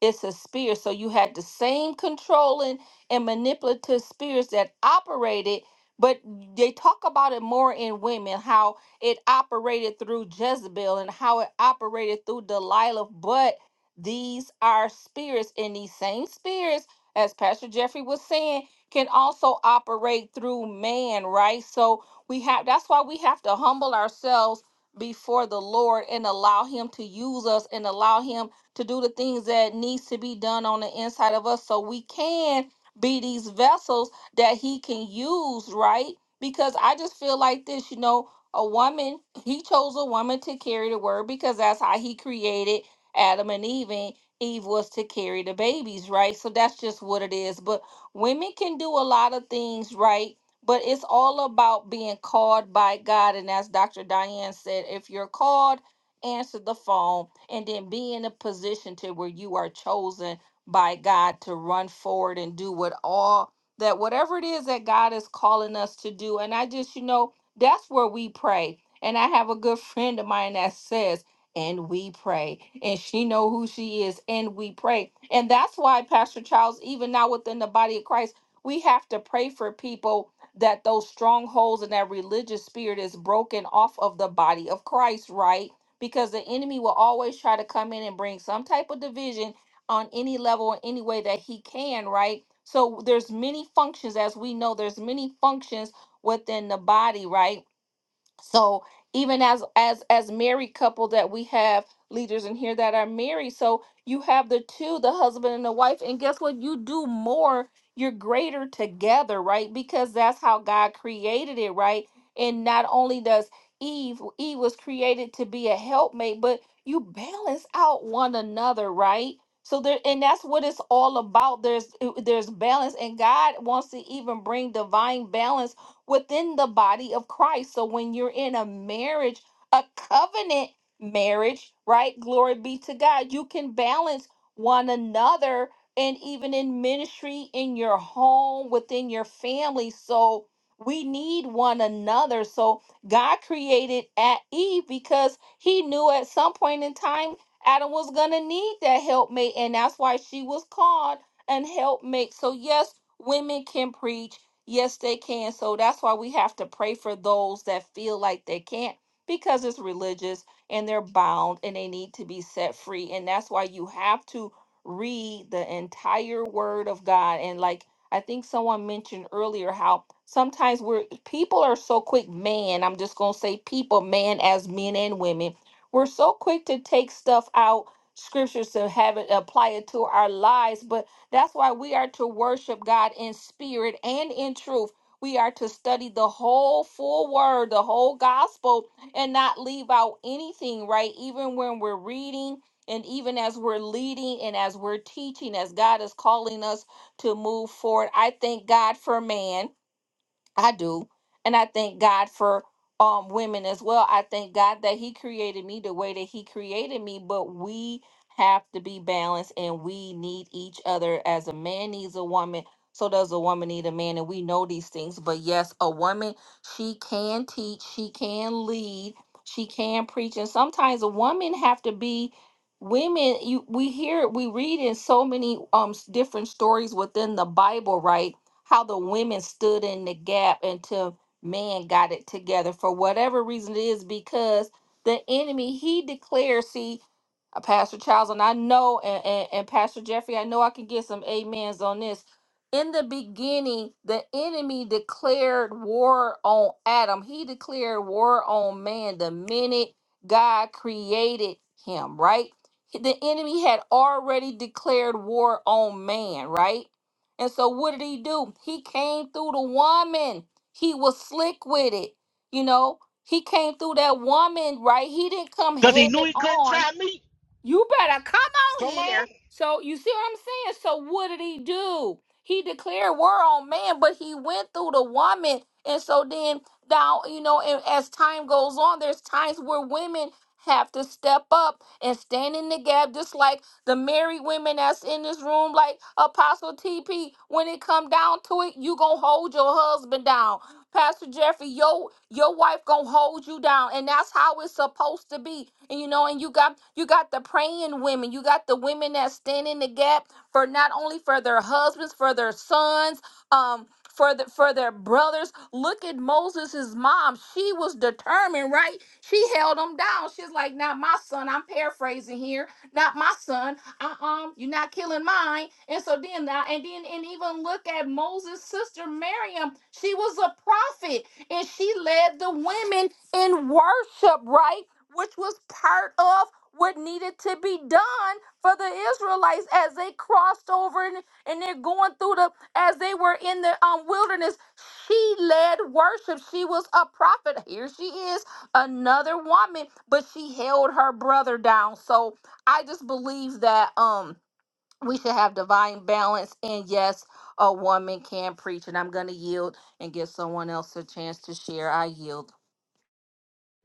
it's a spirit. So you had the same controlling and manipulative spirits that operated, but they talk about it more in women, how it operated through Jezebel and how it operated through Delilah. But these are spirits, and these same spirits, as Pastor Jeffrey was saying, can also operate through man, right? So we have that's why we have to humble ourselves before the Lord and allow Him to use us and allow Him to do the things that needs to be done on the inside of us so we can be these vessels that he can use, right? Because I just feel like this, you know, a woman, he chose a woman to carry the word because that's how he created Adam and Eve and Eve was to carry the babies, right? So that's just what it is. But women can do a lot of things, right? But it's all about being called by God. And as Dr. Diane said, if you're called answer the phone, and then be in a position to where you are chosen by God to run forward and do what all that whatever it is that God is calling us to do. And I just, you know, that's where we pray. And I have a good friend of mine that says, and we pray. And she know who she is, and we pray. And that's why, Pastor Charles, even now within the body of Christ, we have to pray for people that those strongholds and that religious spirit is broken off of the body of Christ, right? because the enemy will always try to come in and bring some type of division on any level or any way that he can right so there's many functions as we know there's many functions within the body right so even as as as married couple that we have leaders in here that are married so you have the two the husband and the wife and guess what you do more you're greater together right because that's how god created it right and not only does eve eve was created to be a helpmate but you balance out one another right so there and that's what it's all about there's there's balance and god wants to even bring divine balance within the body of Christ. So when you're in a marriage, a covenant marriage, right? Glory be to God. You can balance one another and even in ministry, in your home, within your family. So we need one another. So God created at Eve because he knew at some point in time Adam was going to need that helpmate. And that's why she was called an helpmate. So, yes, women can preach. Yes, they can. So that's why we have to pray for those that feel like they can't because it's religious and they're bound and they need to be set free. And that's why you have to read the entire word of God. And like I think someone mentioned earlier how sometimes we're people are so quick, man, I'm just going to say people, man, as men and women, we're so quick to take stuff out scriptures to have it apply it to our lives, but that's why we are to worship God in spirit and in truth. We are to study the whole full word, the whole gospel, and not leave out anything, right? Even when we're reading and even as we're leading and as we're teaching, as God is calling us to move forward. I thank God for man. I do. And I thank God for um women as well. I thank God that he created me the way that he created me, but we have to be balanced and we need each other as a man needs a woman, so does a woman need a man and we know these things. But yes, a woman, she can teach, she can lead, she can preach and sometimes a woman have to be women you we hear we read in so many um s- different stories within the Bible, right? how the women stood in the gap until man got it together for whatever reason it is because the enemy he declares see uh, Pastor Charles, and I know, and, and, and Pastor Jeffrey, I know I can get some amens on this. In the beginning, the enemy declared war on Adam. He declared war on man the minute God created him, right? The enemy had already declared war on man, right? And so what did he do? He came through the woman. He was slick with it. You know, he came through that woman, right? He didn't come Cause head he knew he couldn't on try me. you better come on Come on, here. So you see what I'm saying? So what did he do? He declared war on man, but he went through the woman. And so then now, you know, and as time goes on, there's times where women have to step up and stand in the gap, just like the married women that's in this room, like Apostle TP. When it come down to it, you gonna hold your husband down. Pastor Jeffrey, your your wife gonna hold you down, and that's how it's supposed to be. And you know, and you got you got the praying women, you got the women that stand in the gap for not only for their husbands, for their sons, um, for the for their brothers. Look at Moses' mom; she was determined, right? She held him down. She's like, "Not my son." I'm paraphrasing here. Not my son uh-uh, you're not killing mine. And so then, I- and then, and even look at Moses' sister Miriam. She was a prophet, and she led the women in worship, right? Which was part of what needed to be done for the Israelites as they crossed over and, and they're going through the as they were in the um, wilderness. She led worship. She was a prophet. Here she is, another woman, but she held her brother down. So I just believe that um we should have divine balance and yes, a woman can preach and I'm gonna yield and give someone else a chance to share. I yield.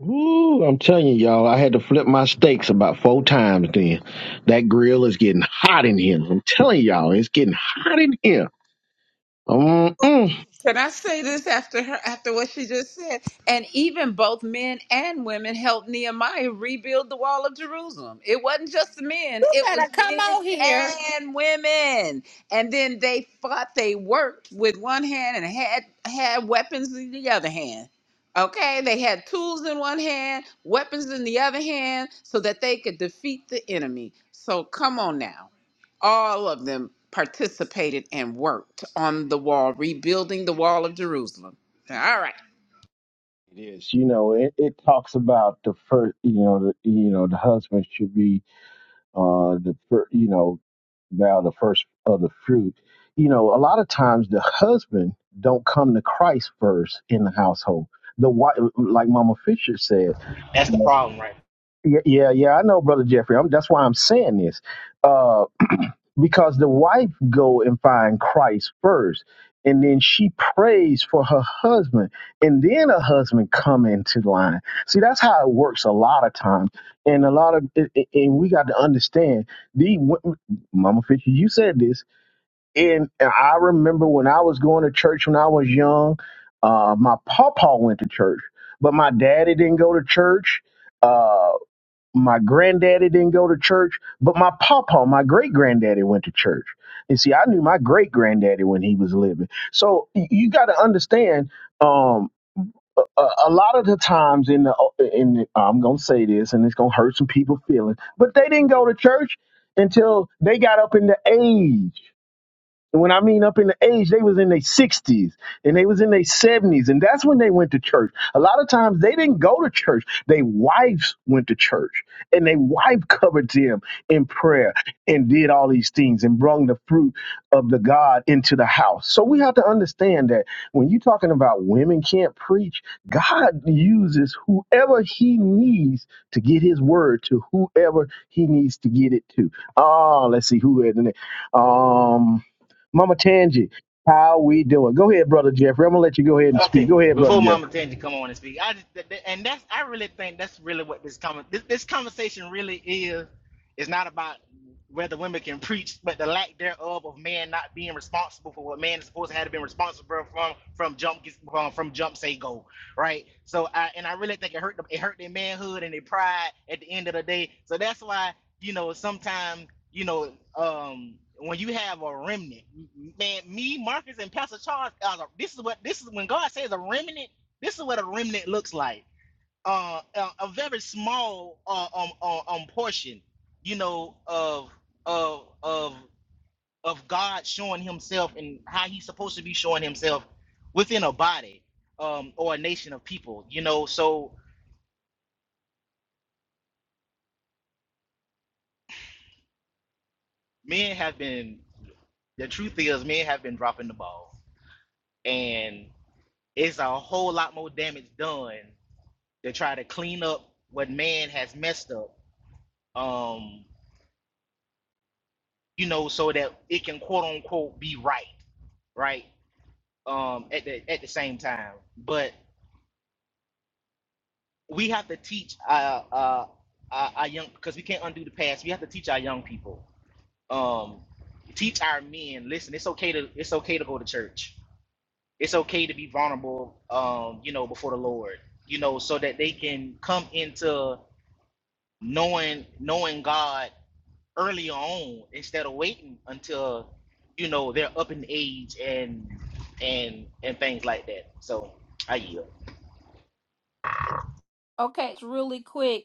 Woo, I'm telling you, y'all, I had to flip my steaks about four times then. That grill is getting hot in here. I'm telling y'all, it's getting hot in here. Mm-mm. Can I say this after her, after what she just said? And even both men and women helped Nehemiah rebuild the wall of Jerusalem. It wasn't just the men; You it was better come men out here. and women. And then they fought. They worked with one hand and had had weapons in the other hand. Okay, they had tools in one hand, weapons in the other hand, so that they could defeat the enemy. So come on now all of them participated and worked on the wall, rebuilding the wall of Jerusalem. All right. It is, you know, it, it talks about the first, you know, the, you know, the husband should be uh the first, you know, now the first of the fruit. You know, a lot of times the husband don't come to Christ first in the household. The wife, like Mama Fisher said. that's the problem, right? Yeah, yeah, yeah. I know, brother Jeffrey. I'm, that's why I'm saying this, uh, because the wife go and find Christ first, and then she prays for her husband, and then her husband come into line. See, that's how it works a lot of times, and a lot of, it- it- and we got to understand the wo- Mama Fisher. You said this, and, and I remember when I was going to church when I was young. Uh, my papa went to church, but my daddy didn't go to church. uh, my granddaddy didn't go to church, but my papa, my great granddaddy, went to church. And see, I knew my great granddaddy when he was living. So y- you got to understand, um, a, a a lot of the times in the oh, in the, I'm gonna say this, and it's gonna hurt some people feelings, but they didn't go to church until they got up in the age. And when I mean up in the age, they was in their sixties and they was in their seventies, and that's when they went to church. A lot of times they didn't go to church; they wives went to church, and they wife covered them in prayer and did all these things and brought the fruit of the God into the house. So we have to understand that when you're talking about women can't preach, God uses whoever He needs to get His word to whoever He needs to get it to. Oh, let's see who is in the Um. Mama Tangi, how we doing? Go ahead, brother Jeffrey. I'm gonna let you go ahead and speak. Okay, Go ahead, brother before Mama Jeffrey. Tangy come on and speak, I just, th- th- and that's I really think that's really what this com- this, this conversation really is. It's not about whether women can preach, but the lack thereof of man not being responsible for what man is supposed to have been responsible from from jump from, from jump say go. right? So I and I really think it hurt them, it hurt their manhood and their pride at the end of the day. So that's why you know sometimes you know um when you have a remnant, man, me Marcus and Pastor Charles, uh, this is what this is when God says a remnant. This is what a remnant looks like. Uh, a, a very small uh, um, um um portion, you know, of of of of God showing Himself and how He's supposed to be showing Himself within a body um, or a nation of people. You know, so men have been. The truth is, men have been dropping the ball, and it's a whole lot more damage done to try to clean up what man has messed up. Um, you know, so that it can quote unquote be right, right? Um, at the at the same time, but we have to teach uh, uh, our, our young because we can't undo the past. We have to teach our young people. Um, teach our men. Listen, it's okay to it's okay to go to church. It's okay to be vulnerable. Um, you know, before the Lord. You know, so that they can come into knowing knowing God early on instead of waiting until you know they're up in age and and and things like that. So I yield. Okay, it's really quick.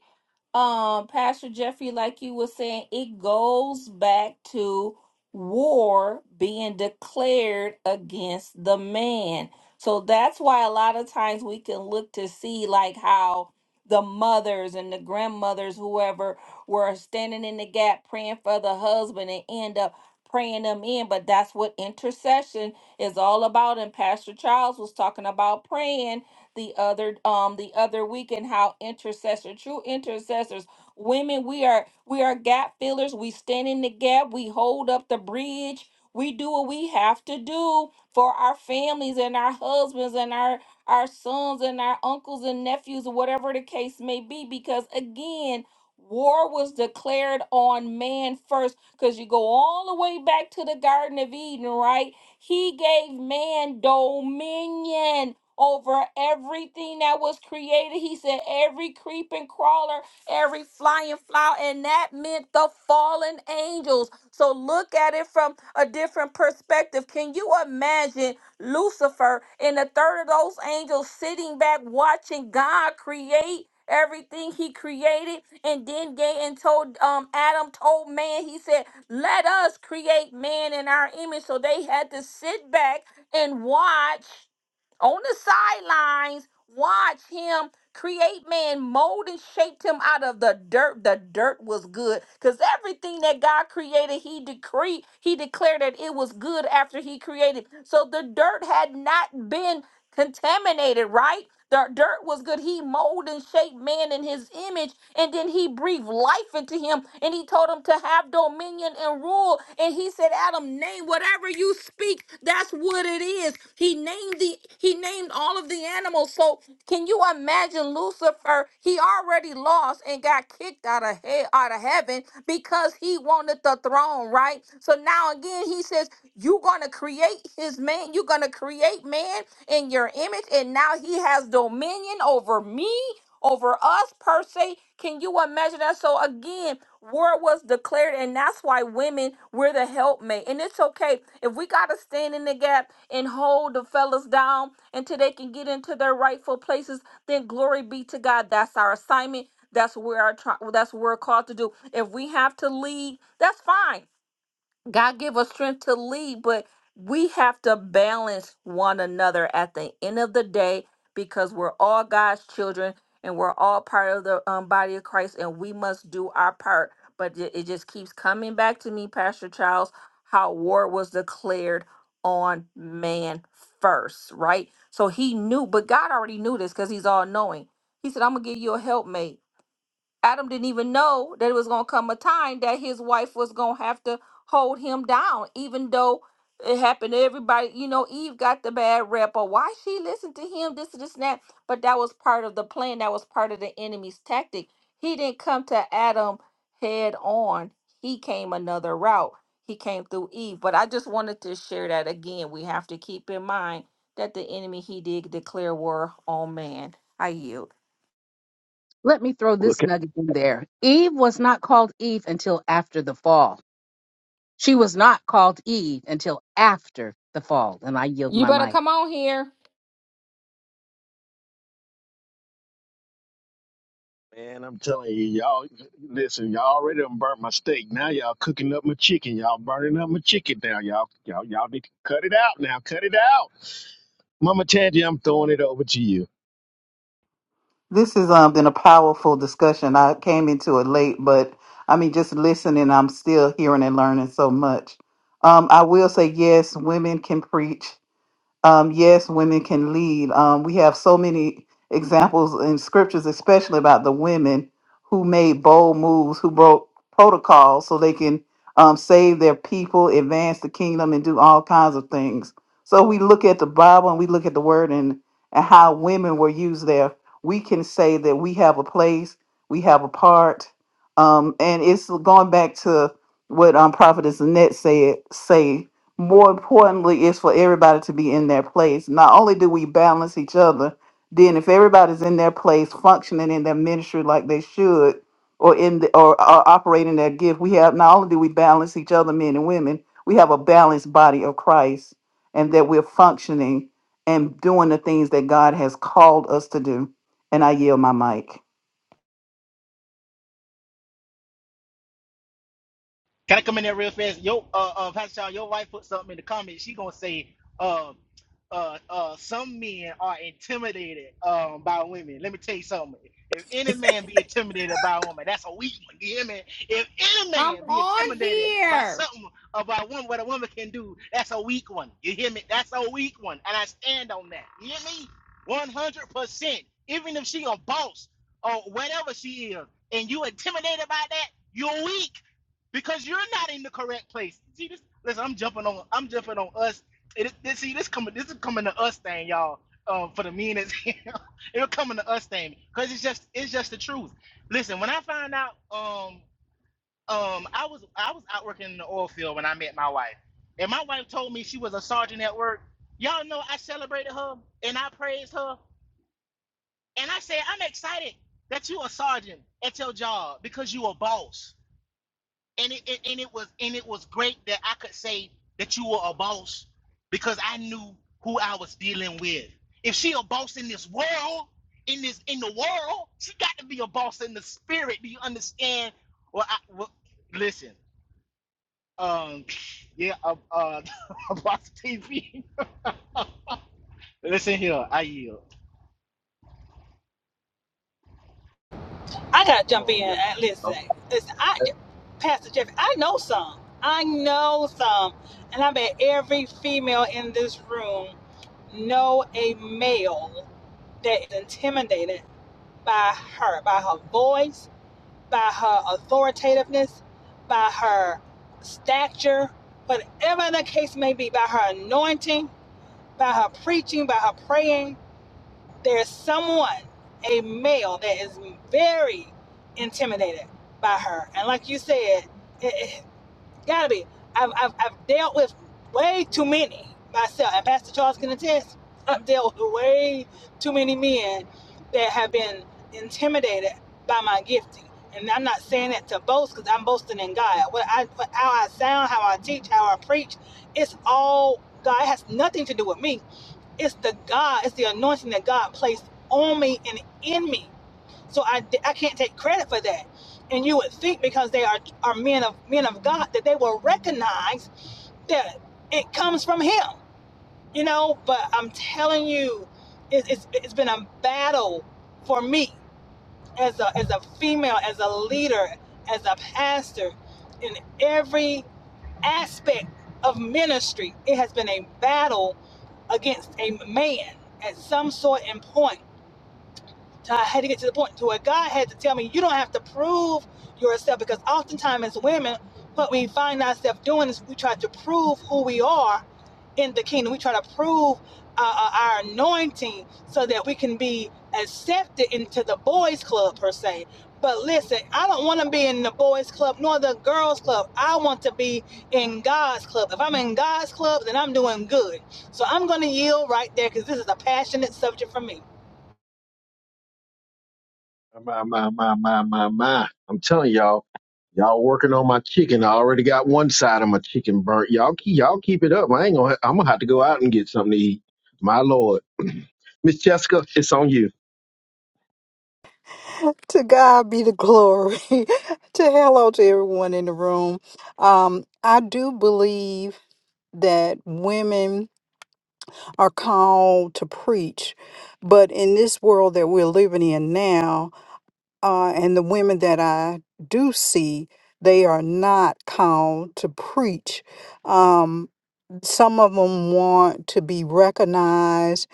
um pastor jeffrey like you were saying it goes back to war being declared against the man so that's why a lot of times we can look to see like how the mothers and the grandmothers whoever were standing in the gap praying for the husband and end up praying them in but that's what intercession is all about and pastor charles was talking about praying the other um the other week and how intercessor true intercessors women we are we are gap fillers we stand in the gap we hold up the bridge we do what we have to do for our families and our husbands and our our sons and our uncles and nephews or whatever the case may be because again war was declared on man first because you go all the way back to the garden of eden right he gave man dominion over everything that was created. He said, every creeping crawler, every flying flower, and that meant the fallen angels. So look at it from a different perspective. Can you imagine Lucifer and a third of those angels sitting back watching God create? Everything he created, and then gave and told um Adam told man, he said, Let us create man in our image. So they had to sit back and watch on the sidelines, watch him create man, mold and shaped him out of the dirt. The dirt was good because everything that God created, he decreed, he declared that it was good after he created. So the dirt had not been contaminated, right? The dirt was good. He molded and shaped man in his image, and then he breathed life into him, and he told him to have dominion and rule. And he said, Adam, name whatever you speak, that's what it is. He named the he named all of the animals. So can you imagine Lucifer? He already lost and got kicked out of hell, out of heaven because he wanted the throne, right? So now again he says, you're going to create his man. You're going to create man in your image. And now he has dominion over me, over us, per se. Can you imagine that? So, again, word was declared. And that's why women, we're the helpmate. And it's okay if we got to stand in the gap and hold the fellas down until they can get into their rightful places. Then glory be to God. That's our assignment. That's where our tri- that's what we're called to do. If we have to lead, that's fine God give us strength to lead, but we have to balance one another at the end of the day because we're all God's children and we're all part of the um, body of Christ and we must do our part. But it, it just keeps coming back to me, Pastor Charles, how war was declared on man first, right? So he knew, but God already knew this because he's all knowing. He said, I'm going to give you a helpmate Adam didn't even know that it was going to come a time that his wife was going to have to hold him down, even though it happened to everybody. You know, Eve got the bad rep, or why she listened to him, this, this, and that. But that was part of the plan. That was part of the enemy's tactic. He didn't come to Adam head on, he came another route. He came through Eve. But I just wanted to share that again. We have to keep in mind that the enemy, he did declare war on man. I yield. Let me throw this Okay. nugget in there. Eve was not called Eve until after the fall. She was not called Eve until after the fall. And I yield You my better mic. come on here. Man, I'm telling you, y'all, listen, y'all already done burnt my steak. Now y'all cooking up my chicken. Y'all burning up my chicken now. Y'all, y'all, y'all need to cut it out now. Cut it out. Mama Tangi, I'm throwing it over to you. This has um, been a powerful discussion. I came into it late, but I mean, just listening, I'm still hearing and learning so much. Um, I will say, yes, women can preach um, yes, women can lead. Um, we have so many examples in scriptures, especially about the women who made bold moves, who broke protocols so they can um, save their people, advance the kingdom, and do all kinds of things. So we look at the Bible and we look at the word and, and how women were used there. We can say that we have a place, we have a part. Um, and it's going back to what um, Prophetess Annette said, say more importantly is for everybody to be in their place not only do we balance each other then if everybody's in their place functioning in their ministry like they should or in the, or, or operating their gift we have not only do we balance each other men and women we have a balanced body of christ and that we're functioning and doing the things that god has called us to do and i yield my mic Can I come in there real fast? Yo, uh, uh, Pastor Shaw, your wife put something in the comments. She gonna say, uh, uh, uh, some men are intimidated um by women. Let me tell you something. If any man be intimidated by a woman, that's a weak one. You hear me? If any I'm man be on intimidated by here. something about a woman, what a woman can do, that's a weak one. You hear me? That's a weak one, and I stand on that. You hear me? One hundred percent. Even if she a boss or whatever she is, and you intimidated by that, you're weak because you're not in the correct place. See this? Listen, I'm jumping on. I'm jumping on us. It, this, see this coming. This is coming to us thing, y'all. Uh, for the meanest, it'll coming to us thing because it's just it's just the truth. Listen, when I found out, um, um, I was I was out working in the oil field when I met my wife, and my wife told me she was a sergeant at work. Y'all know I celebrated her and I praised her, and I said I'm excited that you a sergeant at your job because you a boss and it, it and it was and it was great that I could say that you were a boss because I knew who I was dealing with. If she a boss in this world, in this in the world, she got to be a boss in the spirit. Do you understand? Well, I well, listen. Um, yeah, uh, uh, boss TV. listen here, I yield. I got to Come jump in on, y'all. and listen. Oh, Listen, I, Pastor Jeff, I know some. I know some. And I bet every female in this room know a male that is intimidated by her, by her voice, by her authoritativeness, by her stature, whatever the case may be, by her anointing, by her preaching, by her praying, there's someone, a male, that is very intimidated by her. And like you said, it, Gotta be. I've, I've, I've dealt with way too many myself. And Pastor Charles can attest, I've dealt with way too many men that have been intimidated by my gifting. And I'm not saying that to boast because I'm boasting in God. What I, what, how I sound, how I teach, how I preach, it's all God. It has nothing to do with me. It's the God, it's the anointing that God placed on me and in me so I, I can't take credit for that. And you would think because they are, are men of men of God that they will recognize that it comes from Him, you know. But I'm telling you, it, it's it's been a battle for me as a as a female, as a leader, as a pastor, in every aspect of ministry, it has been a battle against a man at some sort and point so I had to get to the point to where God had to tell me, you don't have to prove yourself because oftentimes as women, what we find ourselves doing is we try to prove who we are in the kingdom. We try to prove uh, uh, our anointing so that we can be accepted into the boys' club per se. But listen, I don't want to be in the boys' club nor the girls' club. I want to be in God's club. If I'm in God's club, then I'm doing good. So I'm going to yield right there because this is a passionate subject for me. My, my, my, my, my, my. I'm telling y'all, y'all working on my chicken. I already got one side of my chicken burnt. Y'all, keep, y'all keep it up. I ain't gonna, I'm gonna have to go out and get something to eat. My lord. Miss Jessica, it's on you. to God be the glory. to hello to everyone in the room. Um, I do believe that women are called to preach, but in this world that we're living in now, uh, and the women that I do see, they are not called to preach. Um, some of them want to be recognized,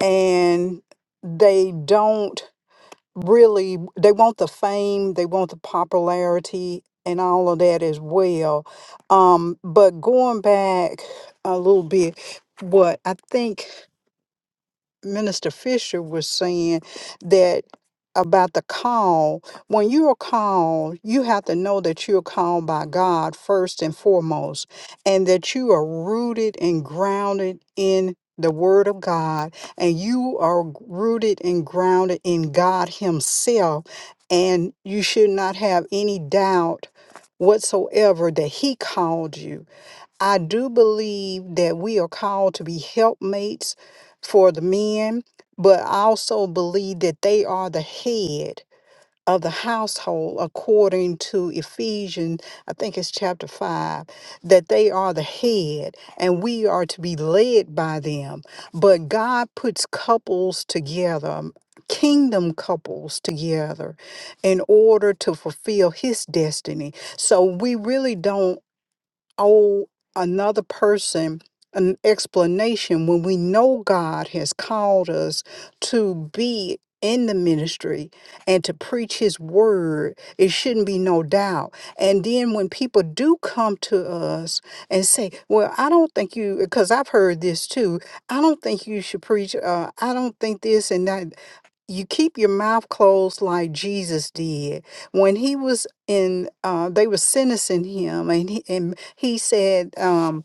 and they don't really they want the fame, they want the popularity and all of that as well. Um, but going back a little bit, what I think Minister Fisher was saying that about the call. When you are called, you have to know that you are called by God first and foremost, and that you are rooted and grounded in the Word of God, and you are rooted and grounded in God Himself, and you should not have any doubt whatsoever that He called you I do believe that we are called to be helpmates for the men, but I also believe that they are the head of the household according to Ephesians, I think it's chapter 5, that they are the head and we are to be led by them. But God puts couples together, kingdom couples together in order to fulfill his destiny. So we really don't owe another person an explanation when we know God has called us to be in the ministry and to preach his word it shouldn't be no doubt and then when people do come to us and say well i don't think you because i've heard this too i don't think you should preach uh, i don't think this and that you keep your mouth closed like Jesus did when he was in. Uh, they were sentencing him, and he and he said. um,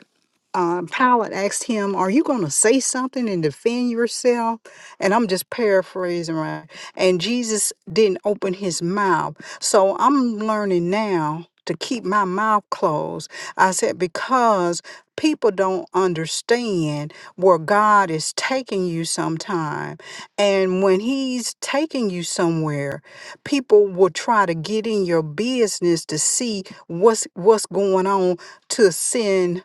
uh, Pilate asked him, Are you going to say something and defend yourself? And I'm just paraphrasing, right? And Jesus didn't open his mouth. So I'm learning now to keep my mouth closed. I said, Because people don't understand where God is taking you sometime. And when he's taking you somewhere, people will try to get in your business to see what's what's going on to sin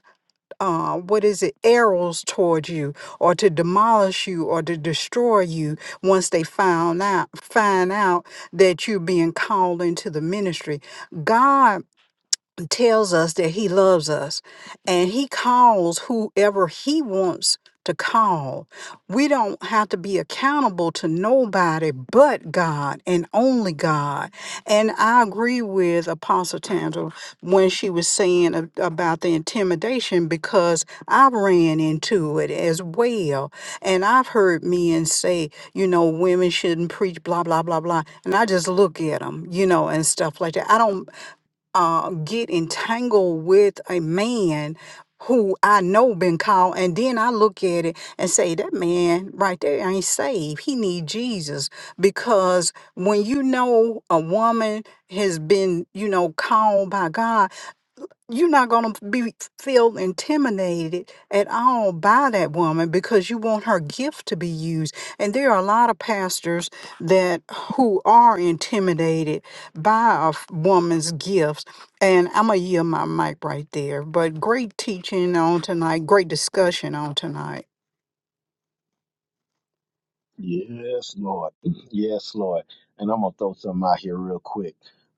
uh, what is it, arrows toward you, or to demolish you, or to destroy you once they found out find out that you're being called into the ministry. God tells us that he loves us and he calls whoever he wants to call. We don't have to be accountable to nobody but God and only God. And I agree with Apostle Tangela when she was saying a- about the intimidation because I've ran into it as well. And I've heard men say, you know, women shouldn't preach, blah, blah, blah, blah. And I just look at them, you know, and stuff like that. I don't uh, get entangled with a man who I know been called, and then I look at it and say that man right there ain't saved. He need Jesus because when you know a woman has been, you know, called by God you're not going to be feel intimidated at all by that woman because you want her gift to be used and there are a lot of pastors that who are intimidated by a f- woman's gifts and i'm gonna yield my mic right there but great teaching on tonight great discussion on tonight Yes, Lord. Yes, Lord. And I'm gonna throw something out here real quick.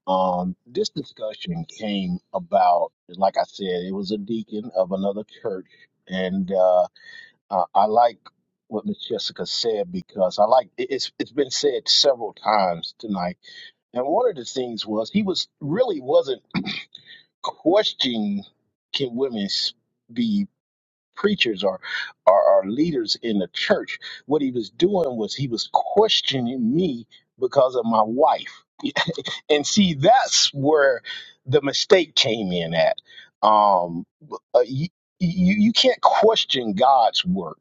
Um, this discussion came about, like I said, it was a deacon of another church, and uh, I, I like what Miss Jessica said because I like it- it's it's been said several times tonight. And one of the things was he was really wasn't questioning can women s- be preachers or, or, or leaders in the church. What he was doing was he was questioning me because of my wife. and see, that's where the mistake came in at. Um, uh, you, you, you can't question God's work.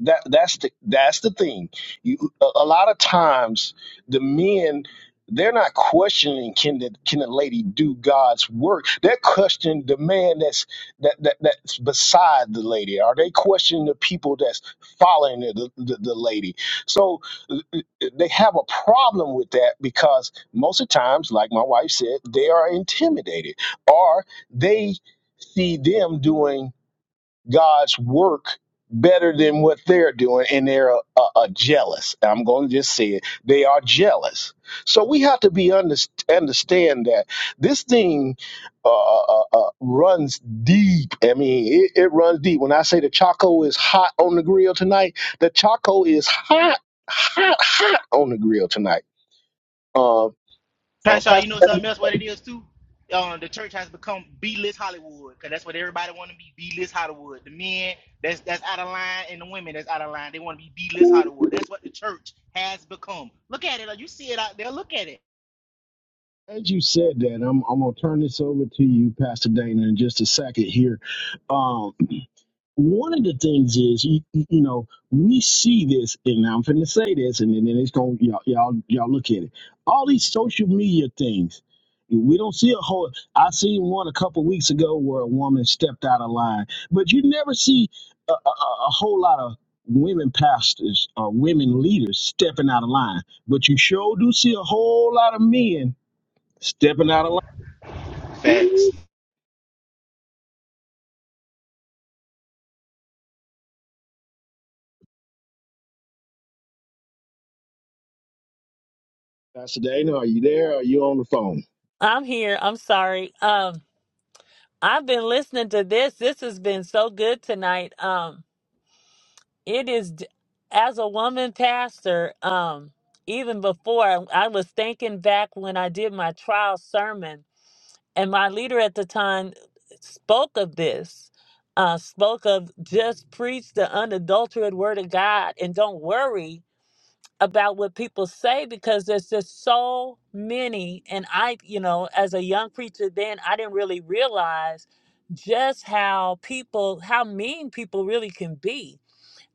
That, that's the that's the thing. You, a, a lot of times, the men they're not questioning can the can the lady do God's work. They're questioning the man that's that, that that's beside the lady? Are they questioning the people that's following the, the, the lady? So uh, uh, they have a problem with that because most of the times, like my wife said, they are intimidated or they see them doing God's work better than what they're doing, and they're uh, uh, uh, jealous. I'm going to just say it. They are jealous. So we have to be under, understand that this thing uh, uh, uh, runs deep. I mean, it, it runs deep. When I say the Chaco is hot on the grill tonight, the Chaco is hot, hot, hot on the grill tonight. Uh, uh, Pasha, you Pastor, know something else? What it is too? Uh, the church has become B-list Hollywood because that's what everybody want to be. B-list Hollywood. The men that's that's out of line and the women that's out of line. They want to be B-list Hollywood. That's what the church has become. Look at it. Like, You see it out there. Look at it. as you said that, I'm, I'm going to turn this over to you, Pastor Dana, in just a second here. Um, one of the things is you, you you know we see this and i'm finna say this and then then it's gonna y'all, y'all y'all look at it all these social media things we don't see a whole i seen one a couple weeks ago where a woman stepped out of line but you never see a, a, a a whole lot of women pastors or women leaders stepping out of line but you sure do see a whole lot of men stepping out of line Facts. pastor dana are you there or are you on the phone I'm here. I'm sorry. Um, I've been listening to this. This has been so good tonight. Um, it is d- as a woman pastor. Um, even before I was thinking back when I did my trial sermon, and my leader at the time spoke of this. Uh, spoke of just preach the unadulterated word of God and don't worry about what people say because there's just so many and i you know as a young preacher then i didn't really realize just how people how mean people really can be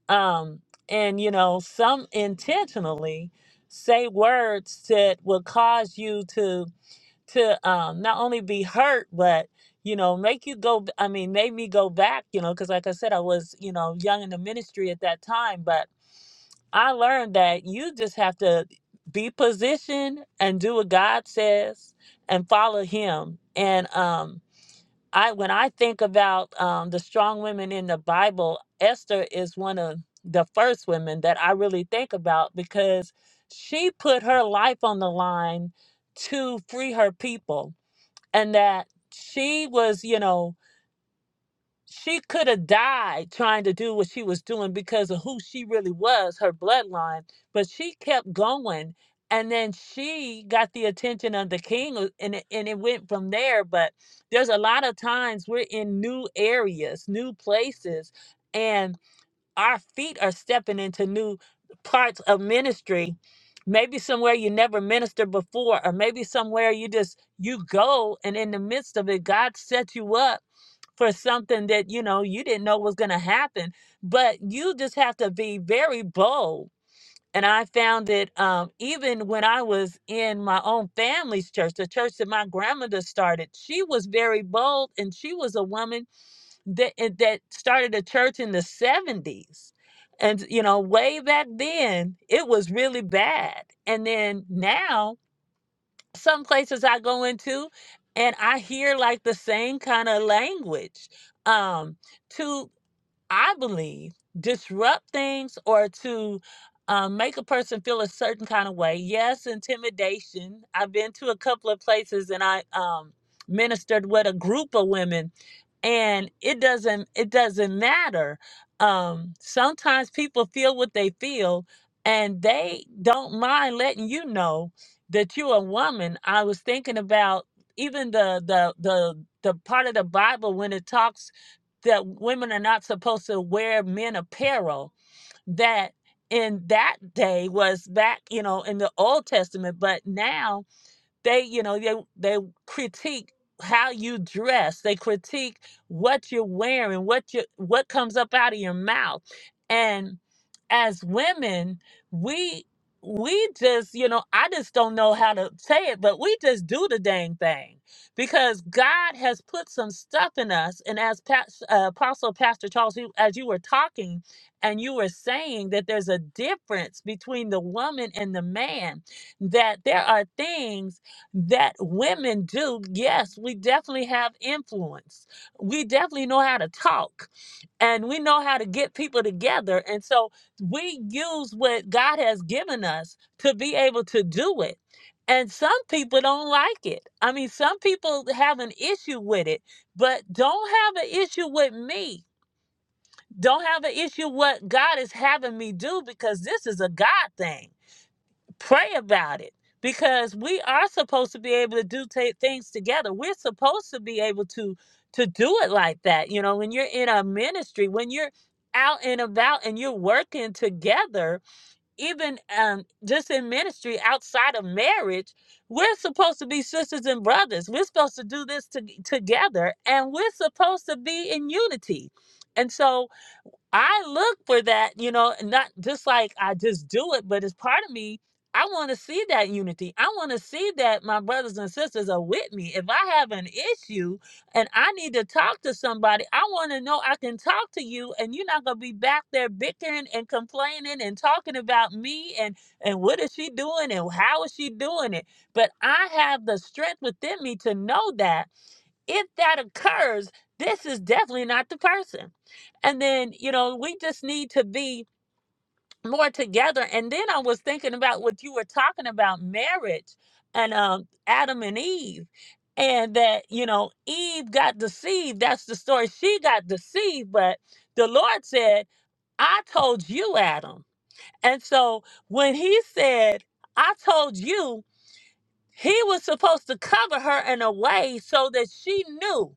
um and you know some intentionally say words that will cause you to to um not only be hurt but you know make you go i mean made me go back you know because like i said i was you know young in the ministry at that time but I learned that you just have to be positioned and do what God says and follow Him. And um, I, when I think about um, the strong women in the Bible, Esther is one of the first women that I really think about because she put her life on the line to free her people, and that she was, you know she could have died trying to do what she was doing because of who she really was, her bloodline, but she kept going. And then she got the attention of the king, uh, and it, and it went from there. But there's a lot of times we're in new areas, new places, and our feet are stepping into new parts of ministry. Maybe somewhere you never ministered before, or maybe somewhere you just you go, and in the midst of it, God sets you up for something that you know you didn't know was going to happen but you just have to be very bold and i found that um, even when i was in my own family's church the church that my grandmother started she was very bold and she was a woman that eh, that started a church in the 70s and you know way back then it was really bad and then now some places I go into and I hear like the same kind of language. Um, to I believe, disrupt things or to um, make a person feel a certain kind of way. Yes, intimidation. I've been to a couple of places and I um, ministered with a group of women, and it doesn't it doesn't matter. Um, sometimes people feel what they feel, and they don't mind letting you know that you're a woman. I was thinking about even the the the the part of the Bible when it talks that women are not supposed to wear men apparel that in that day was back you know in the old testament but now they you know they they critique how you dress they critique what you're wearing what you what comes up out of your mouth and as women we we just you know i just don't know how to say it but we just do the dang thing because god has put some stuff in us and as Pas- uh, apostle pastor charles you- as you were talking and you were saying that there's a difference between the woman and the man that there are things that women do, yes, we definitely have influence. We definitely know how to talk and we know how to get people together. And so we use what God has given us to be able to do it. And some people don't like it. I mean, some people have an issue with it, but don't have an issue with me. Don't have an issue what God is having me do because this is a God thing pray about it because we are supposed to be able to do ta things together we're supposed to be able to to do it like that you know when you're in a ministry when you're out and about and you're working together even um, just in ministry outside of marriage we're supposed to be sisters and brothers we're supposed to do this to- together and we're supposed to be in unity and so I look for that, you know, not just like I just do it, but it's part of me. I want to see that unity. I want to see that my brothers and sisters are with me. If I have an issue and I need to talk to somebody, I want to know I can talk to you and you're not going to be back there bickering and complaining and talking about me and and what is she doing and how is she doing it? But I have the strength within me to know that if that occurs, this is definitely not the person. And then, you know, we just need to be more together. And then I was thinking about what you were talking about marriage and um, Adam and Eve. And that, you know, Eve got deceived. That's the story. She got deceived, but the Lord said, I told you, Adam. And so when he said, I told you, he was supposed to cover her in a way so that she knew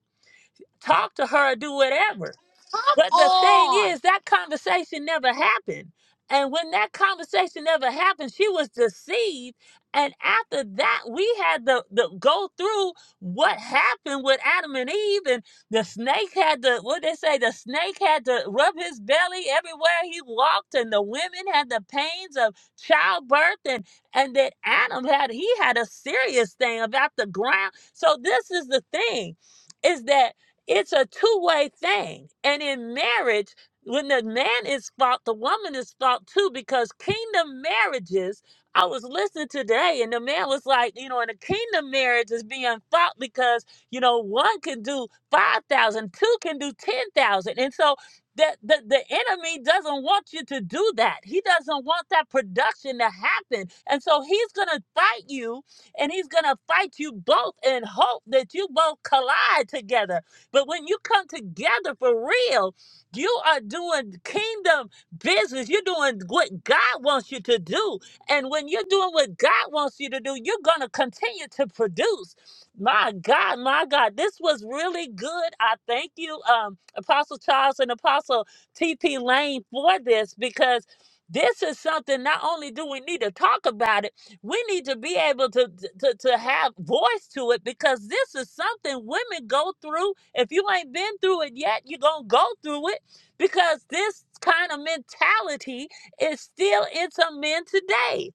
talk to her, do whatever. Come But the thing on. is, that conversation never happened. And when that conversation never happened, she was deceived. And after that, we had to, to go through what happened with Adam and Eve. And the snake had to, what they say, the snake had to rub his belly everywhere he walked. And the women had the pains of childbirth. And, and then Adam had, he had a serious thing about the ground. So this is the thing, is that it's a two way thing. And in marriage, when the man is fault, the woman is fault too, because kingdom marriages, I was listening today and the man was like, you know, in a kingdom marriage is being fought because, you know, one can do five thousand, two can do 10,000. And so the, the, the enemy doesn't want you to do that. He doesn't want that production to happen. And so he's going to fight you and he's going to fight you both in hope that you both collide together but when you come together for real, you are doing kingdom business. You're doing what God wants you to do. And when you're doing what God wants you to do, you're going to continue to produce. My God, my God, this was really good. I thank you, um, Apostle Charles and Apostle TP Lane, for this because this is something not only do we need to talk about it, we need to be able to, to to have voice to it because this is something women go through if you ain't been through it yet you're gonna go through it because this kind of mentality is still in some men today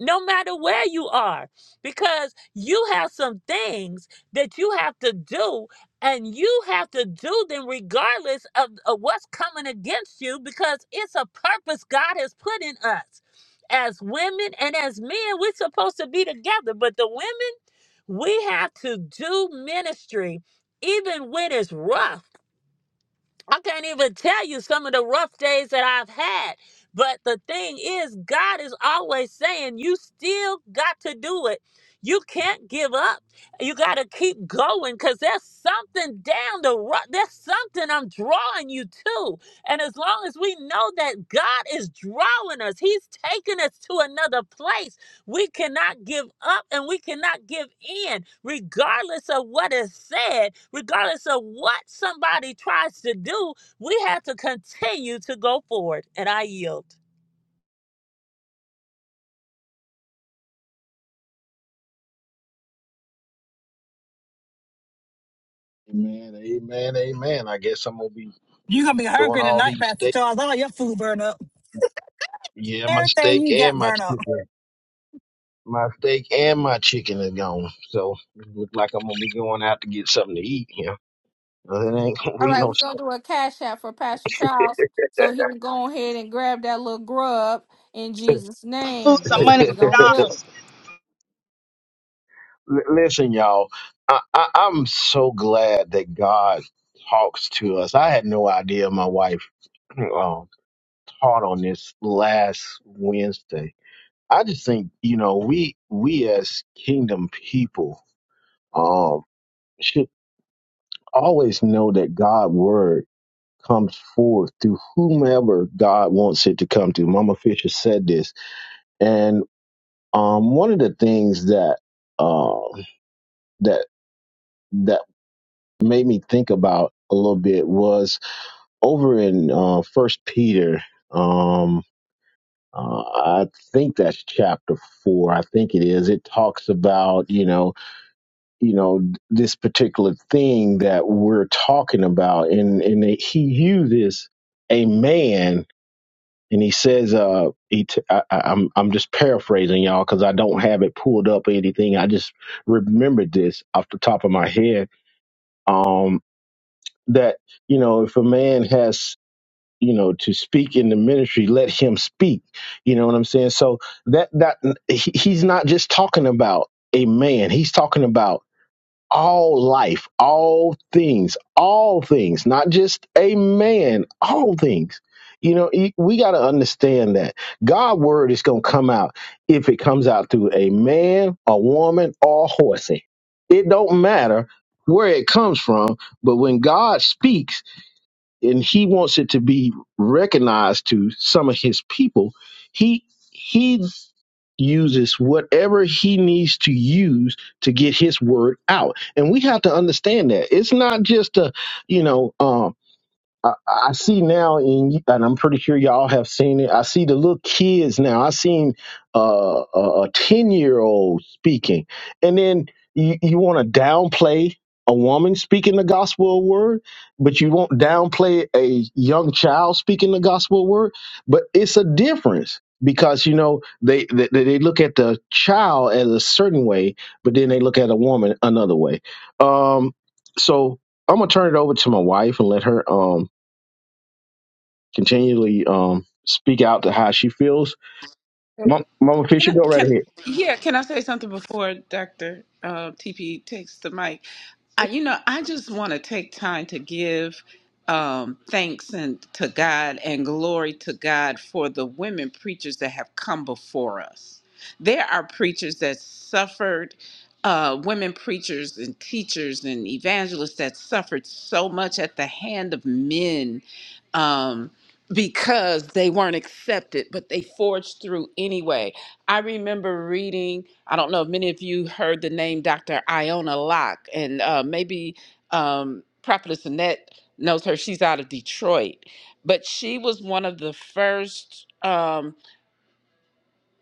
no matter where you are, because you have some things that you have to do, and you have to do them regardless of, of what's coming against you, because it's a purpose God has put in us. As women and as men, we're supposed to be together, but the women, we have to do ministry even when it's rough I can't even tell you some of the rough days that I've had. But the thing is, God is always saying, you still got to do it. You can't give up. You got to keep going because there's something down the road. There's something I'm drawing you to. And as long as we know that God is drawing us, He's taking us to another place. We cannot give up and we cannot give in, regardless of what is said, regardless of what somebody tries to do. We have to continue to go forward. And I yield. Amen, amen, amen. I guess I'm gonna be You're gonna be throwing hungry all tonight, these Pastor steak. Charles. All your food burn up. Yeah, my Everything steak you got and my burn up. chicken. My steak and my chicken is gone. So it look like I'm gonna be going out to get something to eat here. It ain't gonna All be right, no. we're gonna steak. do a cash app for Pastor Charles so he can go ahead and grab that little grub in Jesus' Food, name. some That's money what from we're gonna do. McDonald's. L- Listen, y'all. I, I I'm so glad that God talks to us. I had no idea my wife um, taught on this last Wednesday. I just think you know we we as kingdom people um should always know that God word comes forth through whomever God wants it to come to. Mama Fisher said this, and um, one of the things that uh, that that made me think about a little bit was over in uh, First Peter. Um, uh, I think that's chapter four. I think it is. It talks about you know you know this particular thing that we're talking about, and and he uses a man and he says, uh, he t- I, I, I'm I'm just paraphrasing y'all because I don't have it pulled up or anything. I just remembered this off the top of my head. Um, that you know, if a man has you know to speak in the ministry, let him speak. You know what I'm saying? So that that he, he's not just talking about a man. He's talking about all life, all things, all things, not just a man, all things. You know, e- we got to understand that God's word is going to come out if it comes out through a man, a woman, or a horsey. It don't matter where it comes from, but when God speaks and he wants it to be recognized to some of his people, he he uses whatever he needs to use to get his word out and we have to understand that it's not just a you know um I, I see now in you- and I'm pretty sure y'all have seen it. I see the little kids now. I seen uh, a ten year old speaking, and then you, you want to downplay a woman speaking the gospel word, but you won't downplay a young child speaking the gospel word. But it's a difference because you know they, they they look at the child as a certain way, but then they look at a woman another way. Um, so I'm gonna turn it over to my wife and let her. Um, continually um, speak out to how she feels. Mom, Mama Can Fisher, I, go right can, ahead. yeah, can I say something before Dr. Uh, TP takes the mic? I, you know, I just want to take time to give um, thanks and to God and glory to God for the women preachers that have come before us. There are preachers that suffered, uh, women preachers and teachers and evangelists that suffered so much at the hand of men um, because they weren't accepted, but they forged through anyway. I remember reading. I don't know if many of you heard the name Dr. Iona Locke, and uh, maybe um, Prophetess Annette knows her. She's out of Detroit, but she was one of the first um,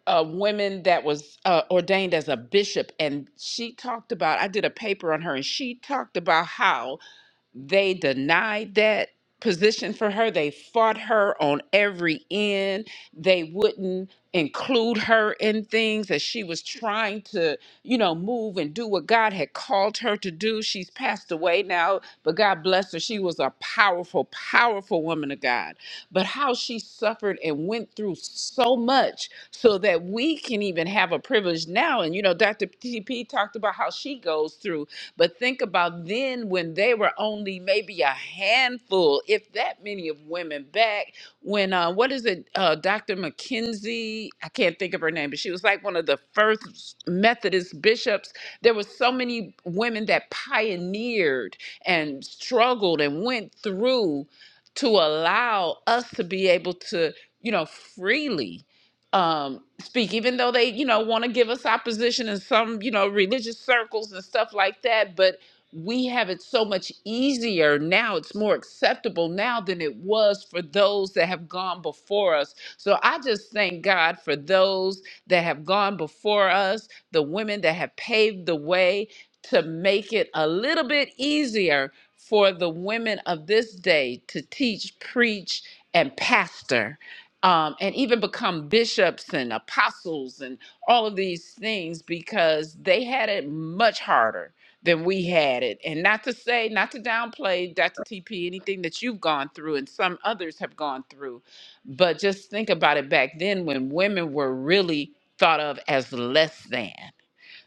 uh, women that was uh, ordained as a bishop. And she talked about, I did a paper on her, and she talked about how they denied that position for her. They fought her on every end. They wouldn't include her in things that she was trying to, you know, move and do what God had called her to do. She's passed away now, but God bless her. She was a powerful, powerful woman of God. But how she suffered and went through so much so that we can even have a privilege now. And, you know, Dr. TP talked about how she goes through but think about then when they were only maybe a handful, if that many of women back when, uh, what is it, uh, Dr. McKenzie? I can't think of her name, but she was like one of the first Methodist bishops. There were so many women that pioneered and struggled and went through to allow us to be able to, you know, freely um speak even though they you know want to give us opposition in some you know religious circles and stuff like that but we have it so much easier now it's more acceptable now than it was for those that have gone before us so i just thank god for those that have gone before us the women that have paved the way to make it a little bit easier for the women of this day to teach preach and pastor um, and even become bishops and apostles and all of these things because they had it much harder than we had it. And not to say, not to downplay Dr. TP, anything that you've gone through and some others have gone through, but just think about it back then when women were really thought of as less than.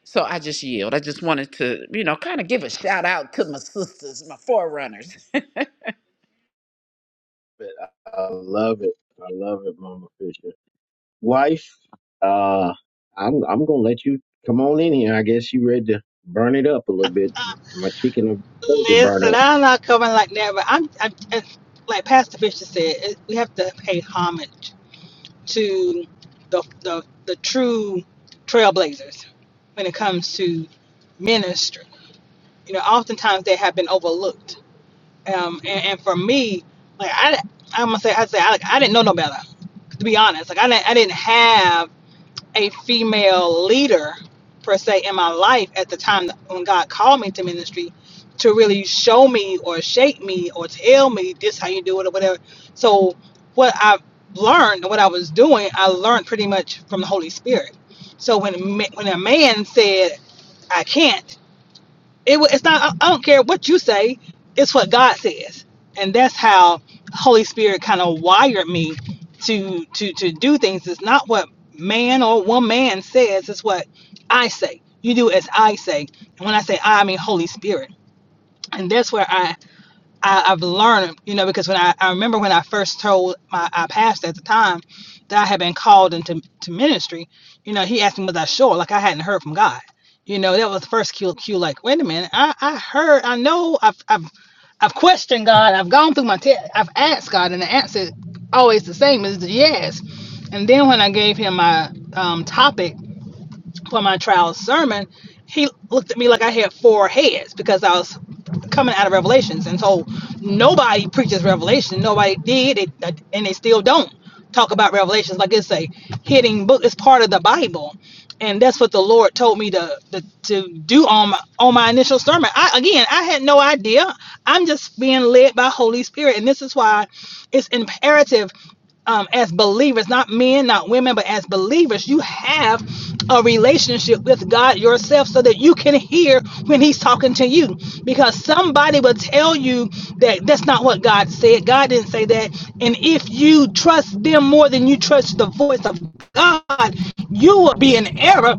So I just yield. I just wanted to, you know, kind of give a shout out to my sisters, my forerunners. it. I I love it. I love it, Mama Fisher. Wife, uh, I'm I'm gonna let you come on in here. I guess you ready to burn it up a little bit. My chicken and potato burn Listen, up. I'm not coming like that, but I'm, I'm it's like Pastor Fisher said, it, we have to pay homage to the, the, the true trailblazers when it comes to ministry. You know, oftentimes they have been overlooked. Um, and, and for me, like I, I'm gonna say, I say, I, I didn't know no better. To be honest, like I didn't, I didn't have. a female leader per se in my life at the time that- when God called me to ministry to really show me or shape me or tell me this how you do it or whatever. So what I learned and what I was doing, I learned pretty much from the Holy Spirit. So when a ma- when a man said I can't, it, wa- it's not. I I don't care what you say. It's what God says, and that's how Holy Spirit kind of wired me to to to do things. It's not what man or one man says. It's what I say. You do as I say, and when I say I, I mean Holy Spirit, and that's where I I, I've learned, you know, because when I, I remember when I first told my our pastor at the time that I had been called into to ministry, you know, he asked me was I sure, like I hadn't heard from God. You know, that was the first cue, cue like, wait a minute, I, I heard, I know I've, I've I've questioned God, I've gone through my test, I've asked God, and the answer always the same is the yes. And then when I gave him my um, topic, for my trial sermon, he looked at me like I had four heads because I was coming out of Revelations, and so nobody preaches Revelation. Nobody did it, uh, and they still don't talk about Revelations like it's a hidden book. It's part of the Bible, and that's what the Lord told me to to, to do on my on my initial sermon. I again, I had no idea. I'm just being led by Holy Spirit, and this is why it's imperative um, as believers, not men, not women, but as believers, you have a relationship with God yourself so that you can hear when He's talking to you. Because somebody will tell you that that's not what God said. God didn't say that. And if you trust them more than you trust the voice of God, you will be in error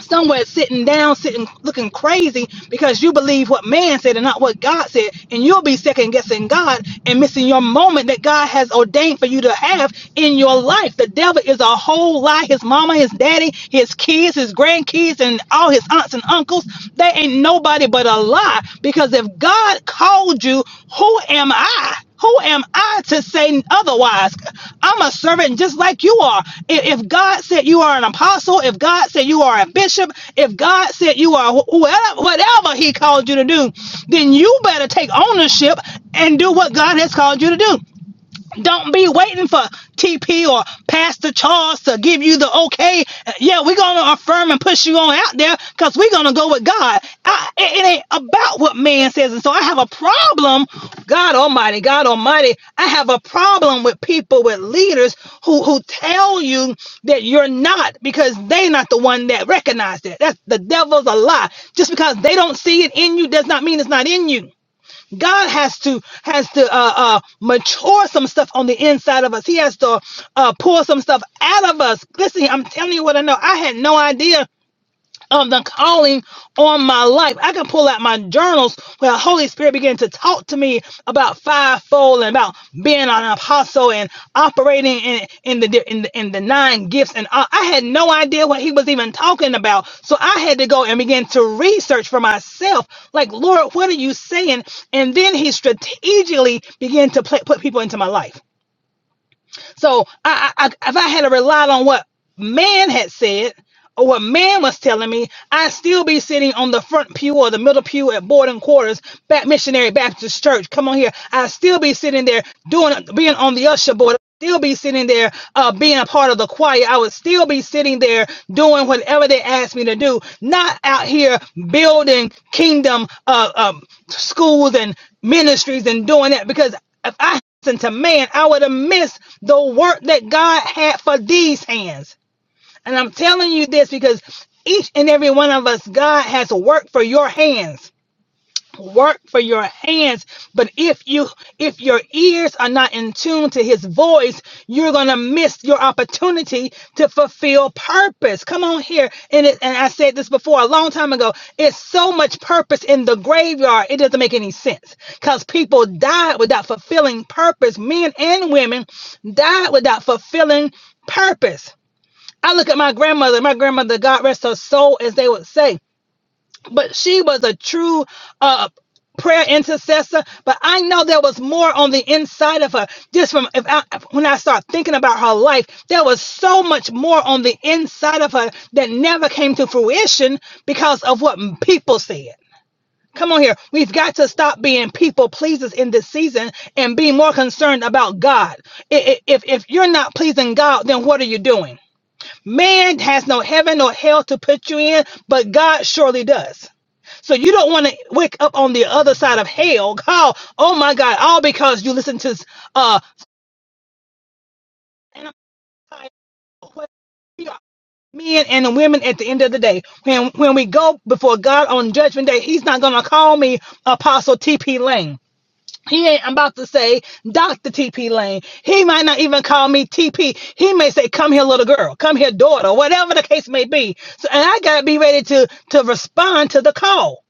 somewhere sitting down, sitting looking crazy because you believe what man said and not what God said, and you'll be second guessing God and missing your moment that God has ordained for you to have in your life. The devil is a whole lie. His mama, his daddy, his kids, his grandkids, and all his aunts and uncles, they ain't nobody but a lie. Because if God called you, who am I? Who am I to say otherwise? I'm a servant just like you are. I- If God said you are an apostle, if God said you are a bishop, if God said you are wh- whatever, whatever He called you to do, then you better take ownership and do what God has called you to do. Don't be waiting for TP or Pastor Charles to give you the okay. Uh, Yeah, we're gonna affirm and push you on out there because we're gonna go with God. I, it, it ain't about what man says, and so I have a problem. God Almighty, God Almighty, I have a problem with people with leaders who who tell you that you're not because they are not the one that recognize that. That's the devil's a lie. Just because they don't see it in you does not mean it's not in you. God has to has to uh, uh, mature some stuff on the inside of us. He has to uh, pull some stuff out of us. Listen, I'm telling you what I know. I had no idea of the calling on my life. I can pull out my journals where the Holy Spirit began to talk to me about fivefold and about being an apostle and operating in in the in the, in the nine gifts. And I, I had no idea what he was even talking about, so I had to go and begin to research for myself. Like, Lord, what are you saying? And then he strategically began to pla- put people into my life. So I, I, I- if I had to rely on what man had said or what man was telling me, I'd still be sitting on the front pew or the middle pew at boarding quarters, back missionary Baptist church. Come on here. I'd still be sitting there doing, being on the usher board. I'd Still be sitting there, uh, being a part of the choir. I would still be sitting there doing whatever they asked me to do. Not out here building kingdom, uh, um, schools and ministries and doing that because if I to man, I would have missed the work that God had for these hands. And I'm telling you this because each and every one of us, God has work for your hands work for your hands but if you if your ears are not in tune to his voice you're gonna miss your opportunity to fulfill purpose come on here and it, and i said this before a long time ago it's so much purpose in the graveyard it doesn't make any sense because people died without fulfilling purpose men and women died without fulfilling purpose i look at my grandmother my grandmother god rest her soul as they would say but she was a true uh prayer intercessor but i know there was more on the inside of her just from if I, when i start thinking about her life there was so much more on the inside of her that never came to fruition because of what people said Come on here. We've got to stop being people pleasers in this season and be more concerned about God. I- i- If, if you're not pleasing God, then what are you doing? Man has no heaven or hell to put you in, but God surely does. So you don't want to wake up on the other side of hell. How? Oh my God! All because you listen to uh. And I'm like, we are Men and the women at the end of the day, when when we go before God on Judgment Day, He's not gonna call me Apostle T.P. Lane. He ain't about to say Dr. T.P. Lane. He might not even call me T.P. He may say, "Come here, little girl. Come here, daughter." Whatever the case may be. So, and I gotta be ready to to respond to the call.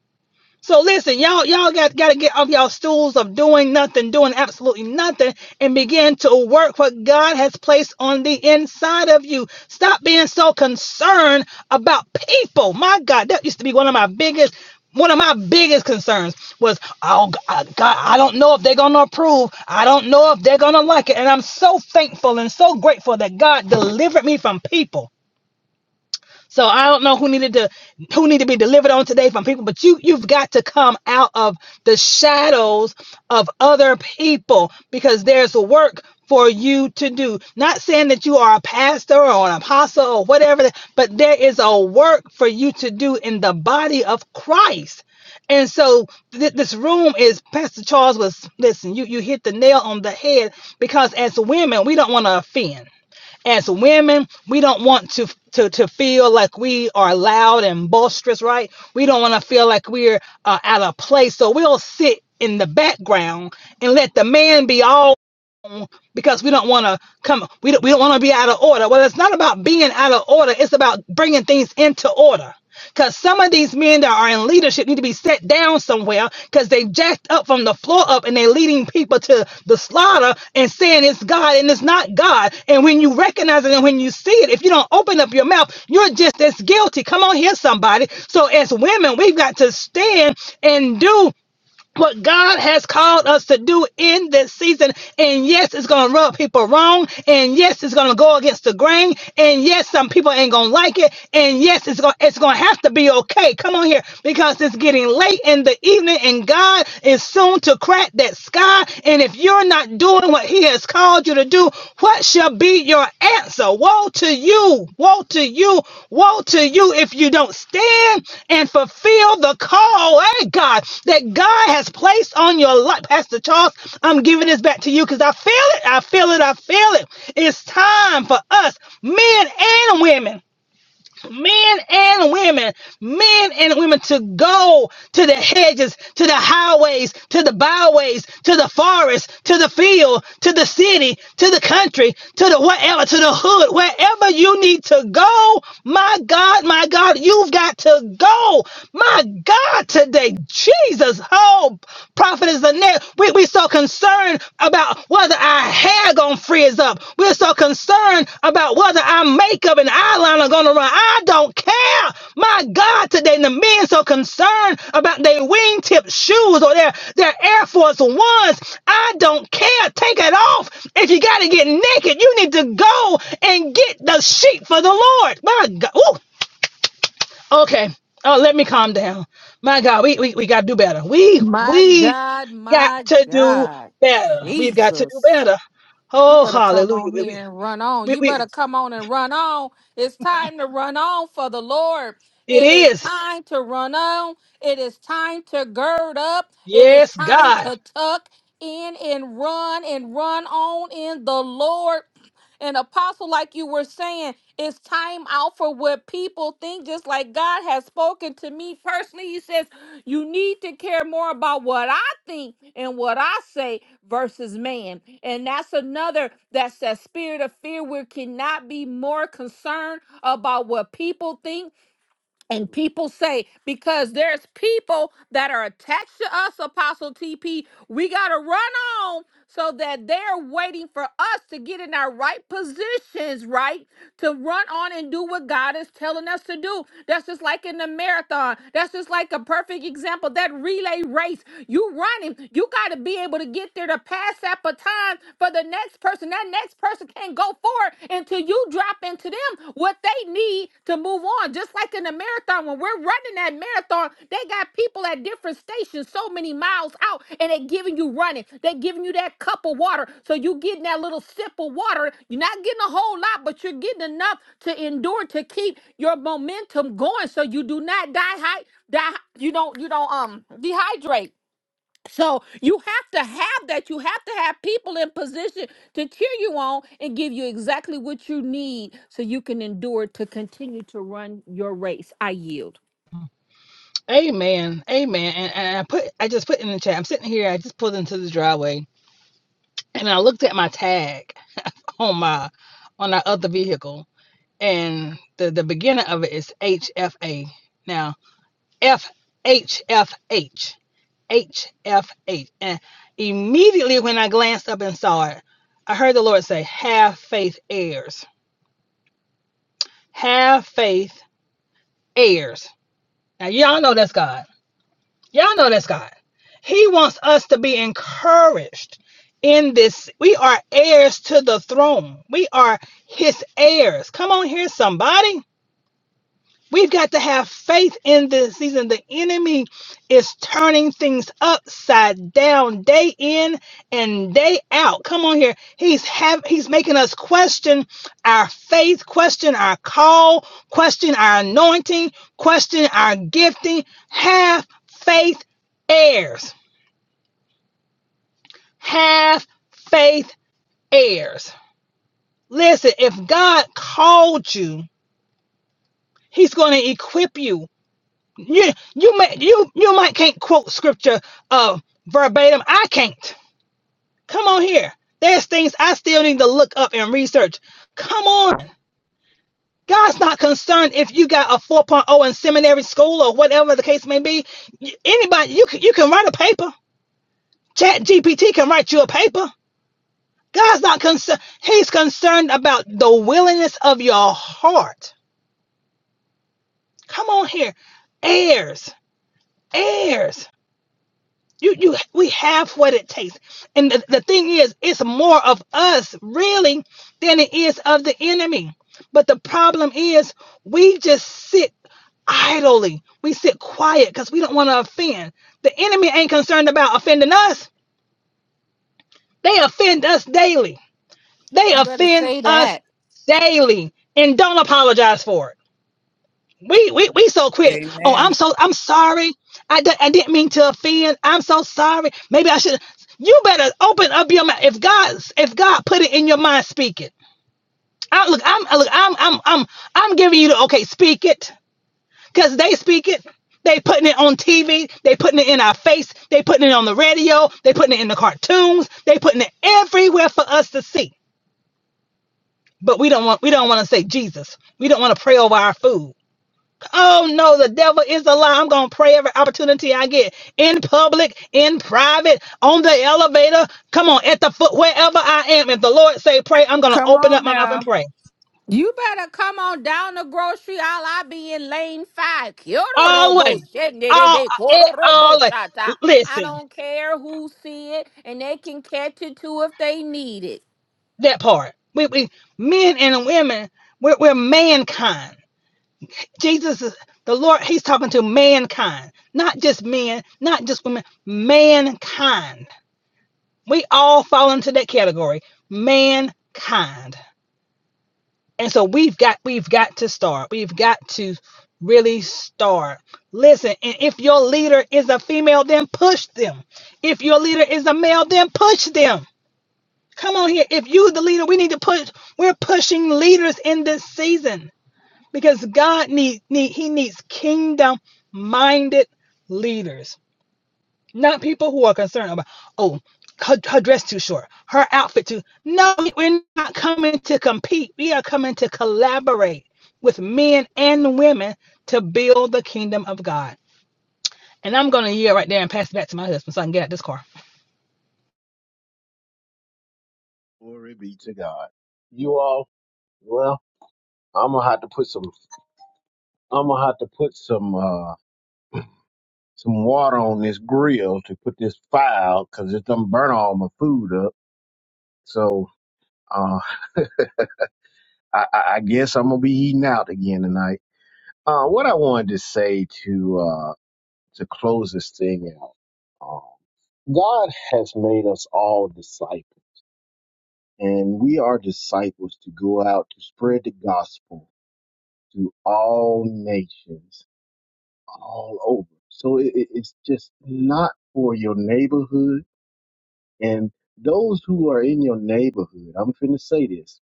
So listen, y'all, y'all got got to get off y'all stools of doing nothing, doing absolutely nothing, and begin to work what God has placed on the inside of you. Stop being so concerned about people. My God, that used to be one of my biggest. One of my biggest concerns was, oh G- I- God, I don't know if they're gonna approve. I don't know if they're gonna like it. And I'm so thankful and so grateful that God delivered me from people. So I don't know who needed to who need to be delivered on today from people, but you you've got to come out of the shadows of other people because there's a work for you to do. Not saying that you are a pastor or an apostle or whatever, but there is a work for you to do in the body of Christ. And so th- this room is Pastor Charles was listen, you you hit the nail on the head because as women, we don't want to offend as women, we don't want to to to feel like we are loud and boisterous, right? We don't want to feel like we're uh, out of place, so we'll sit in the background and let the man be all because we don't want to come we don't, we don't want to be out of order well it's not about being out of order it's about bringing things into order because some of these men that are in leadership need to be set down somewhere because they jacked up from the floor up and they're leading people to the slaughter and saying it's God and it's not God. And when you recognize it and when you see it, if you don't open up your mouth, you're just as guilty. Come on here, somebody. So as women, we've got to stand and do what God has called us to do in this season. And yes, it's going to rub people wrong. And yes, it's going to go against the grain. And yes, some people ain't going to like it. And yes, it's going to it's going to have to be okay. Come on here because it's getting late in the evening and God is soon to crack that sky. And if you're not doing what he has called called you to do, what shall be your answer? Woe to you, woe to you, woe to you if you don't stand and fulfill the call, hey God, that God has placed on your life. Pastor Charles, I'm giving this back to you because I feel it, I feel it, I feel it. It's time for us, men and women men and women, men and women to go to the hedges, to the highways, to the byways, to the forest, to the field, to the city, to the country, to the wherever, to the hood, wherever you need to go. My God, my God, you've got to go. My God, today, Jesus, oh, prophet is the next. We, we so concerned about whether our hair gonna frizz up. We're so concerned about whether our makeup and eyeliner gonna run. I don't care. My God, today the men so concerned about their wingtip shoes or their, their Air Force Ones. I don't care. Take it off. If you gotta get naked, you need to go and get the sheet for the Lord. My God. Ooh, Okay. Oh, let me calm down. My God, we, we, we got to do better. We My we God, got my to do God, better. We've got to do Jesus. better. You Oh, better come hallelujah. on We, we, here and run on. we, You we- better come on and run on. It's time to run on for the Lord. it It is is. time to run on. It is time to gird up. It is Yes, time God. to tuck in and run and run on in the Lord. And apostle, like you were saying, it's time out for what people think, just like God has spoken to me personally. He says, You need to care more about what I think and what I say versus man. And that's another that's that spirit of fear. We cannot be more concerned about what people think and people say, because there's people that are attached to us, Apostle TP, we got to run on so that they're waiting for us to get in our right positions, right? To run on and do what God is telling us to do. That's just like in the marathon. That's just like a perfect example. That relay race, you running, you got to be able to get there to pass that baton for the next person. That next person can't go forward until you drop into them what they need to move on on. Just like in the marathon, when we're running that marathon, they got people at different stations so many miles out, and they're giving you running. They're giving you that cup of water. So you getting that little sip of water. You're not getting a whole lot, but you're getting enough to endure to keep your momentum going so you do not die, hy- die you don't you don't um dehydrate. So you have to have that. You have to have people in position to cheer you on and give you exactly what you need so you can endure to continue to run your race. I yield. Amen. Amen. And, and I put I just put in the chat. I'm sitting here. I just pulled into the driveway and I looked at my tag on my on our other vehicle. And the, the beginning of it is HFA. Now F H F H. HFH. And immediately when I glanced up and saw it, I heard the Lord say, Have faith, heirs. Have faith, heirs. Now, y'all know that's God. Y'all know that's God. He wants us to be encouraged in this. We are heirs to the throne, we are His heirs. Come on here, somebody. We've got to have faith in this season. The enemy is turning things upside down day in and day out. Come on here. He's have he's making us question our faith, question our call, question our anointing, question our gifting. Have faith heirs. Have faith heirs. Listen, if God called you, he's going to equip you. You you may you you might can't quote scripture uh verbatim. I can't. Come on here. There's things I still need to look up and research. Come on. God's not concerned if you got a 4.0 in seminary school or whatever the case may be. Anybody you can you can write a paper. Chat GPT can write you a paper. God's not concerned. He's concerned about the willingness of your heart. Come on here. Heirs. Heirs. You, you, we have what it takes. And the, the thing is, it's more of us really than it is of the enemy. But the problem is, we just sit idly. We sit quiet because we don't want to offend. The enemy ain't concerned about offending us. They offend us daily. They You better offend say us that. daily and don't apologize for it. We we we so quick. Oh, I'm Amen. so I'm sorry. I di- I didn't mean to offend. I'm so sorry. Maybe I should. You better open up your mouth. If God's if God put it in your mind, speak it. I look. I'm I look. I'm I'm I'm I'm giving you the okay. Speak it, cause they speak it. They putting it on TV. They putting it in our face. They putting it on the radio. They putting it in the cartoons. They putting it everywhere for us to see. But we don't want we don't want to say Jesus. We don't want to pray over our food. Oh no, the devil is a lie. I'm gonna pray every opportunity I get in public, in private, on the elevator. Come on, at the foot, wherever I am. If the Lord say pray, I'm gonna Come open up on my mouth and now. pray. You better come on down the grocery aisle. I be in lane five. Kyoto Always, robo shende de all, be it, koro robo all. shata. I Listen, don't care who see it, and they can catch it too if they need it. that part. We, we men and women, we're, we're mankind. Jesus, is the Lord, He's talking to mankind, not just men, not just women, mankind. We all fall into that category, mankind. And so we've got we've got to start. We've got to really start. Listen, and if your leader is a female, then push them. If your leader is a male, then push them. Come on here. If you the leader, we need to push. We're pushing leaders in this season because God need, need he needs kingdom minded leaders. Not people who are concerned about, oh, her, her dress too short, her outfit too. No, we're not coming to compete. We are coming to collaborate with men and women to build the kingdom of God. And I'm going to yield right there and pass it back to my husband so I can get out this car. Glory be to God. You all, well, I'm gonna have to put some. I'm gonna have to put some uh some water on this grill to put this fire out because it's done burn all my food up. So. Uh, I, I I guess I'm gonna be eating out again tonight. Uh, what I wanted to say to uh, to close this thing out, um, God has made us all disciples, and we are disciples to go out to spread the gospel to all nations, all over. So it, it- it's just not for your neighborhood and those who are in your neighborhood. I'm finna say this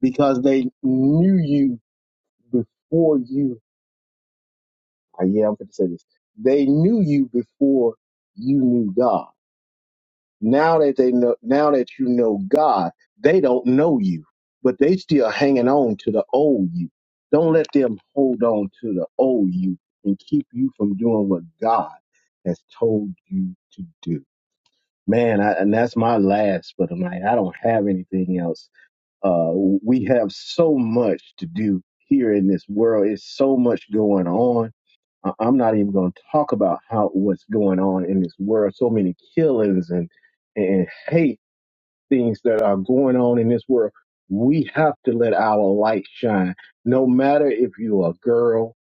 because they knew you before you I- yeah, I'm going to say this. They knew you before you knew God. Now that they know, now that you know God, they don't know you, but they still hanging on to the old you. Don't let them hold on to the old you and keep you from doing what God has told you to do. Man, I, and that's my last for tonight. I don't have anything else. Uh, we have so much to do here in this world. It's so much going on I- I'm not even going to talk about how what's going on in this world. So many killings and and hate things that are going on in this world. We have to let our light shine, no matter if you're a girl,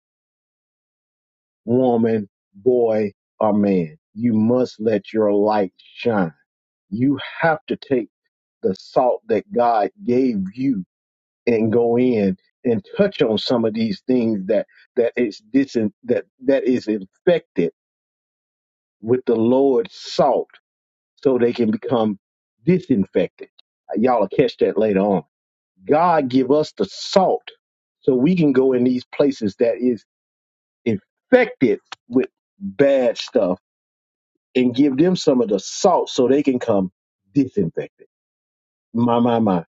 woman, boy, or man. You must let your light shine. You have to take the salt that God gave you and go in and touch on some of these things that that is dis- that that is infected with the Lord's salt so they can become disinfected. Y'all will catch that later on. God give us the salt so we can go in these places that is infected with bad stuff and give them some of the salt so they can come disinfected. My, my, my.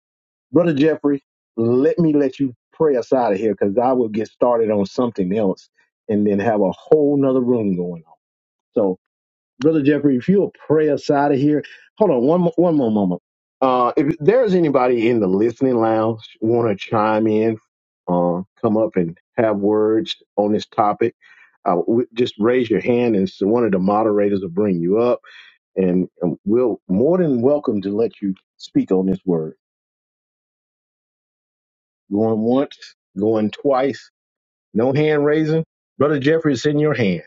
Brother Jeffrey, let me let you pray us out of here because I will get started on something else and then have a whole nother room going on. So Brother Jeffrey, if you'll pray us out of here. Hold on one mo- one more moment. Uh, if there's anybody in the listening lounge want to chime in, uh, come up and have words on this topic, uh, w- just raise your hand and so one of the moderators will bring you up, and, and we'll more than welcome to let you speak on this word. Going once, going twice, no hand raising. Brother Jeffrey, it's in your hand.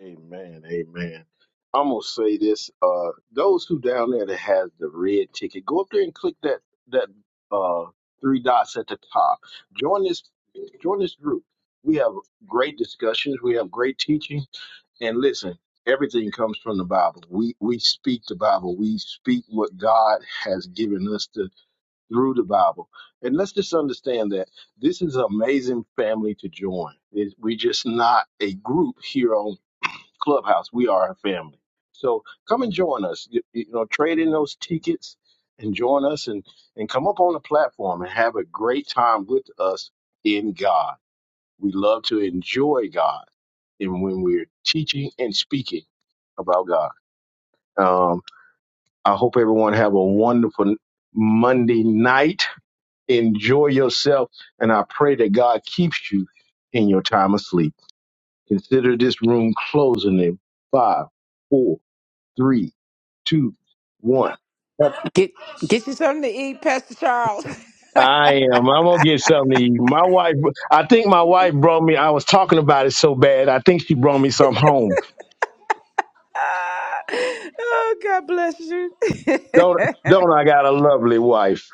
Amen. Amen. I'm gonna say this: uh, those who down there that has the red ticket, go up there and click that that uh, three dots at the top. Join this join this group. We have great discussions. We have great teaching. And listen, everything comes from the Bible. We we speak the Bible. We speak what God has given us to, through the Bible. And let's just understand that this is an amazing family to join. It, we're just not a group here on. Clubhouse. We are a family. So come and join us. You, you know, trade in those tickets and join us and, and come up on the platform and have a great time with us in God. We love to enjoy God and when we're teaching and speaking about God. Um, I hope everyone have a wonderful Monday night. Enjoy yourself. And I pray that God keeps you in your time of sleep. Consider this room closing in five, four, three, two, one. Get get you something to eat, Pastor Charles. I am. I'm gonna get something to eat. My wife. I think my wife brought me. I was talking about it so bad. I think she brought me some home. Ah, oh, God bless you. Don't don't. I got a lovely wife.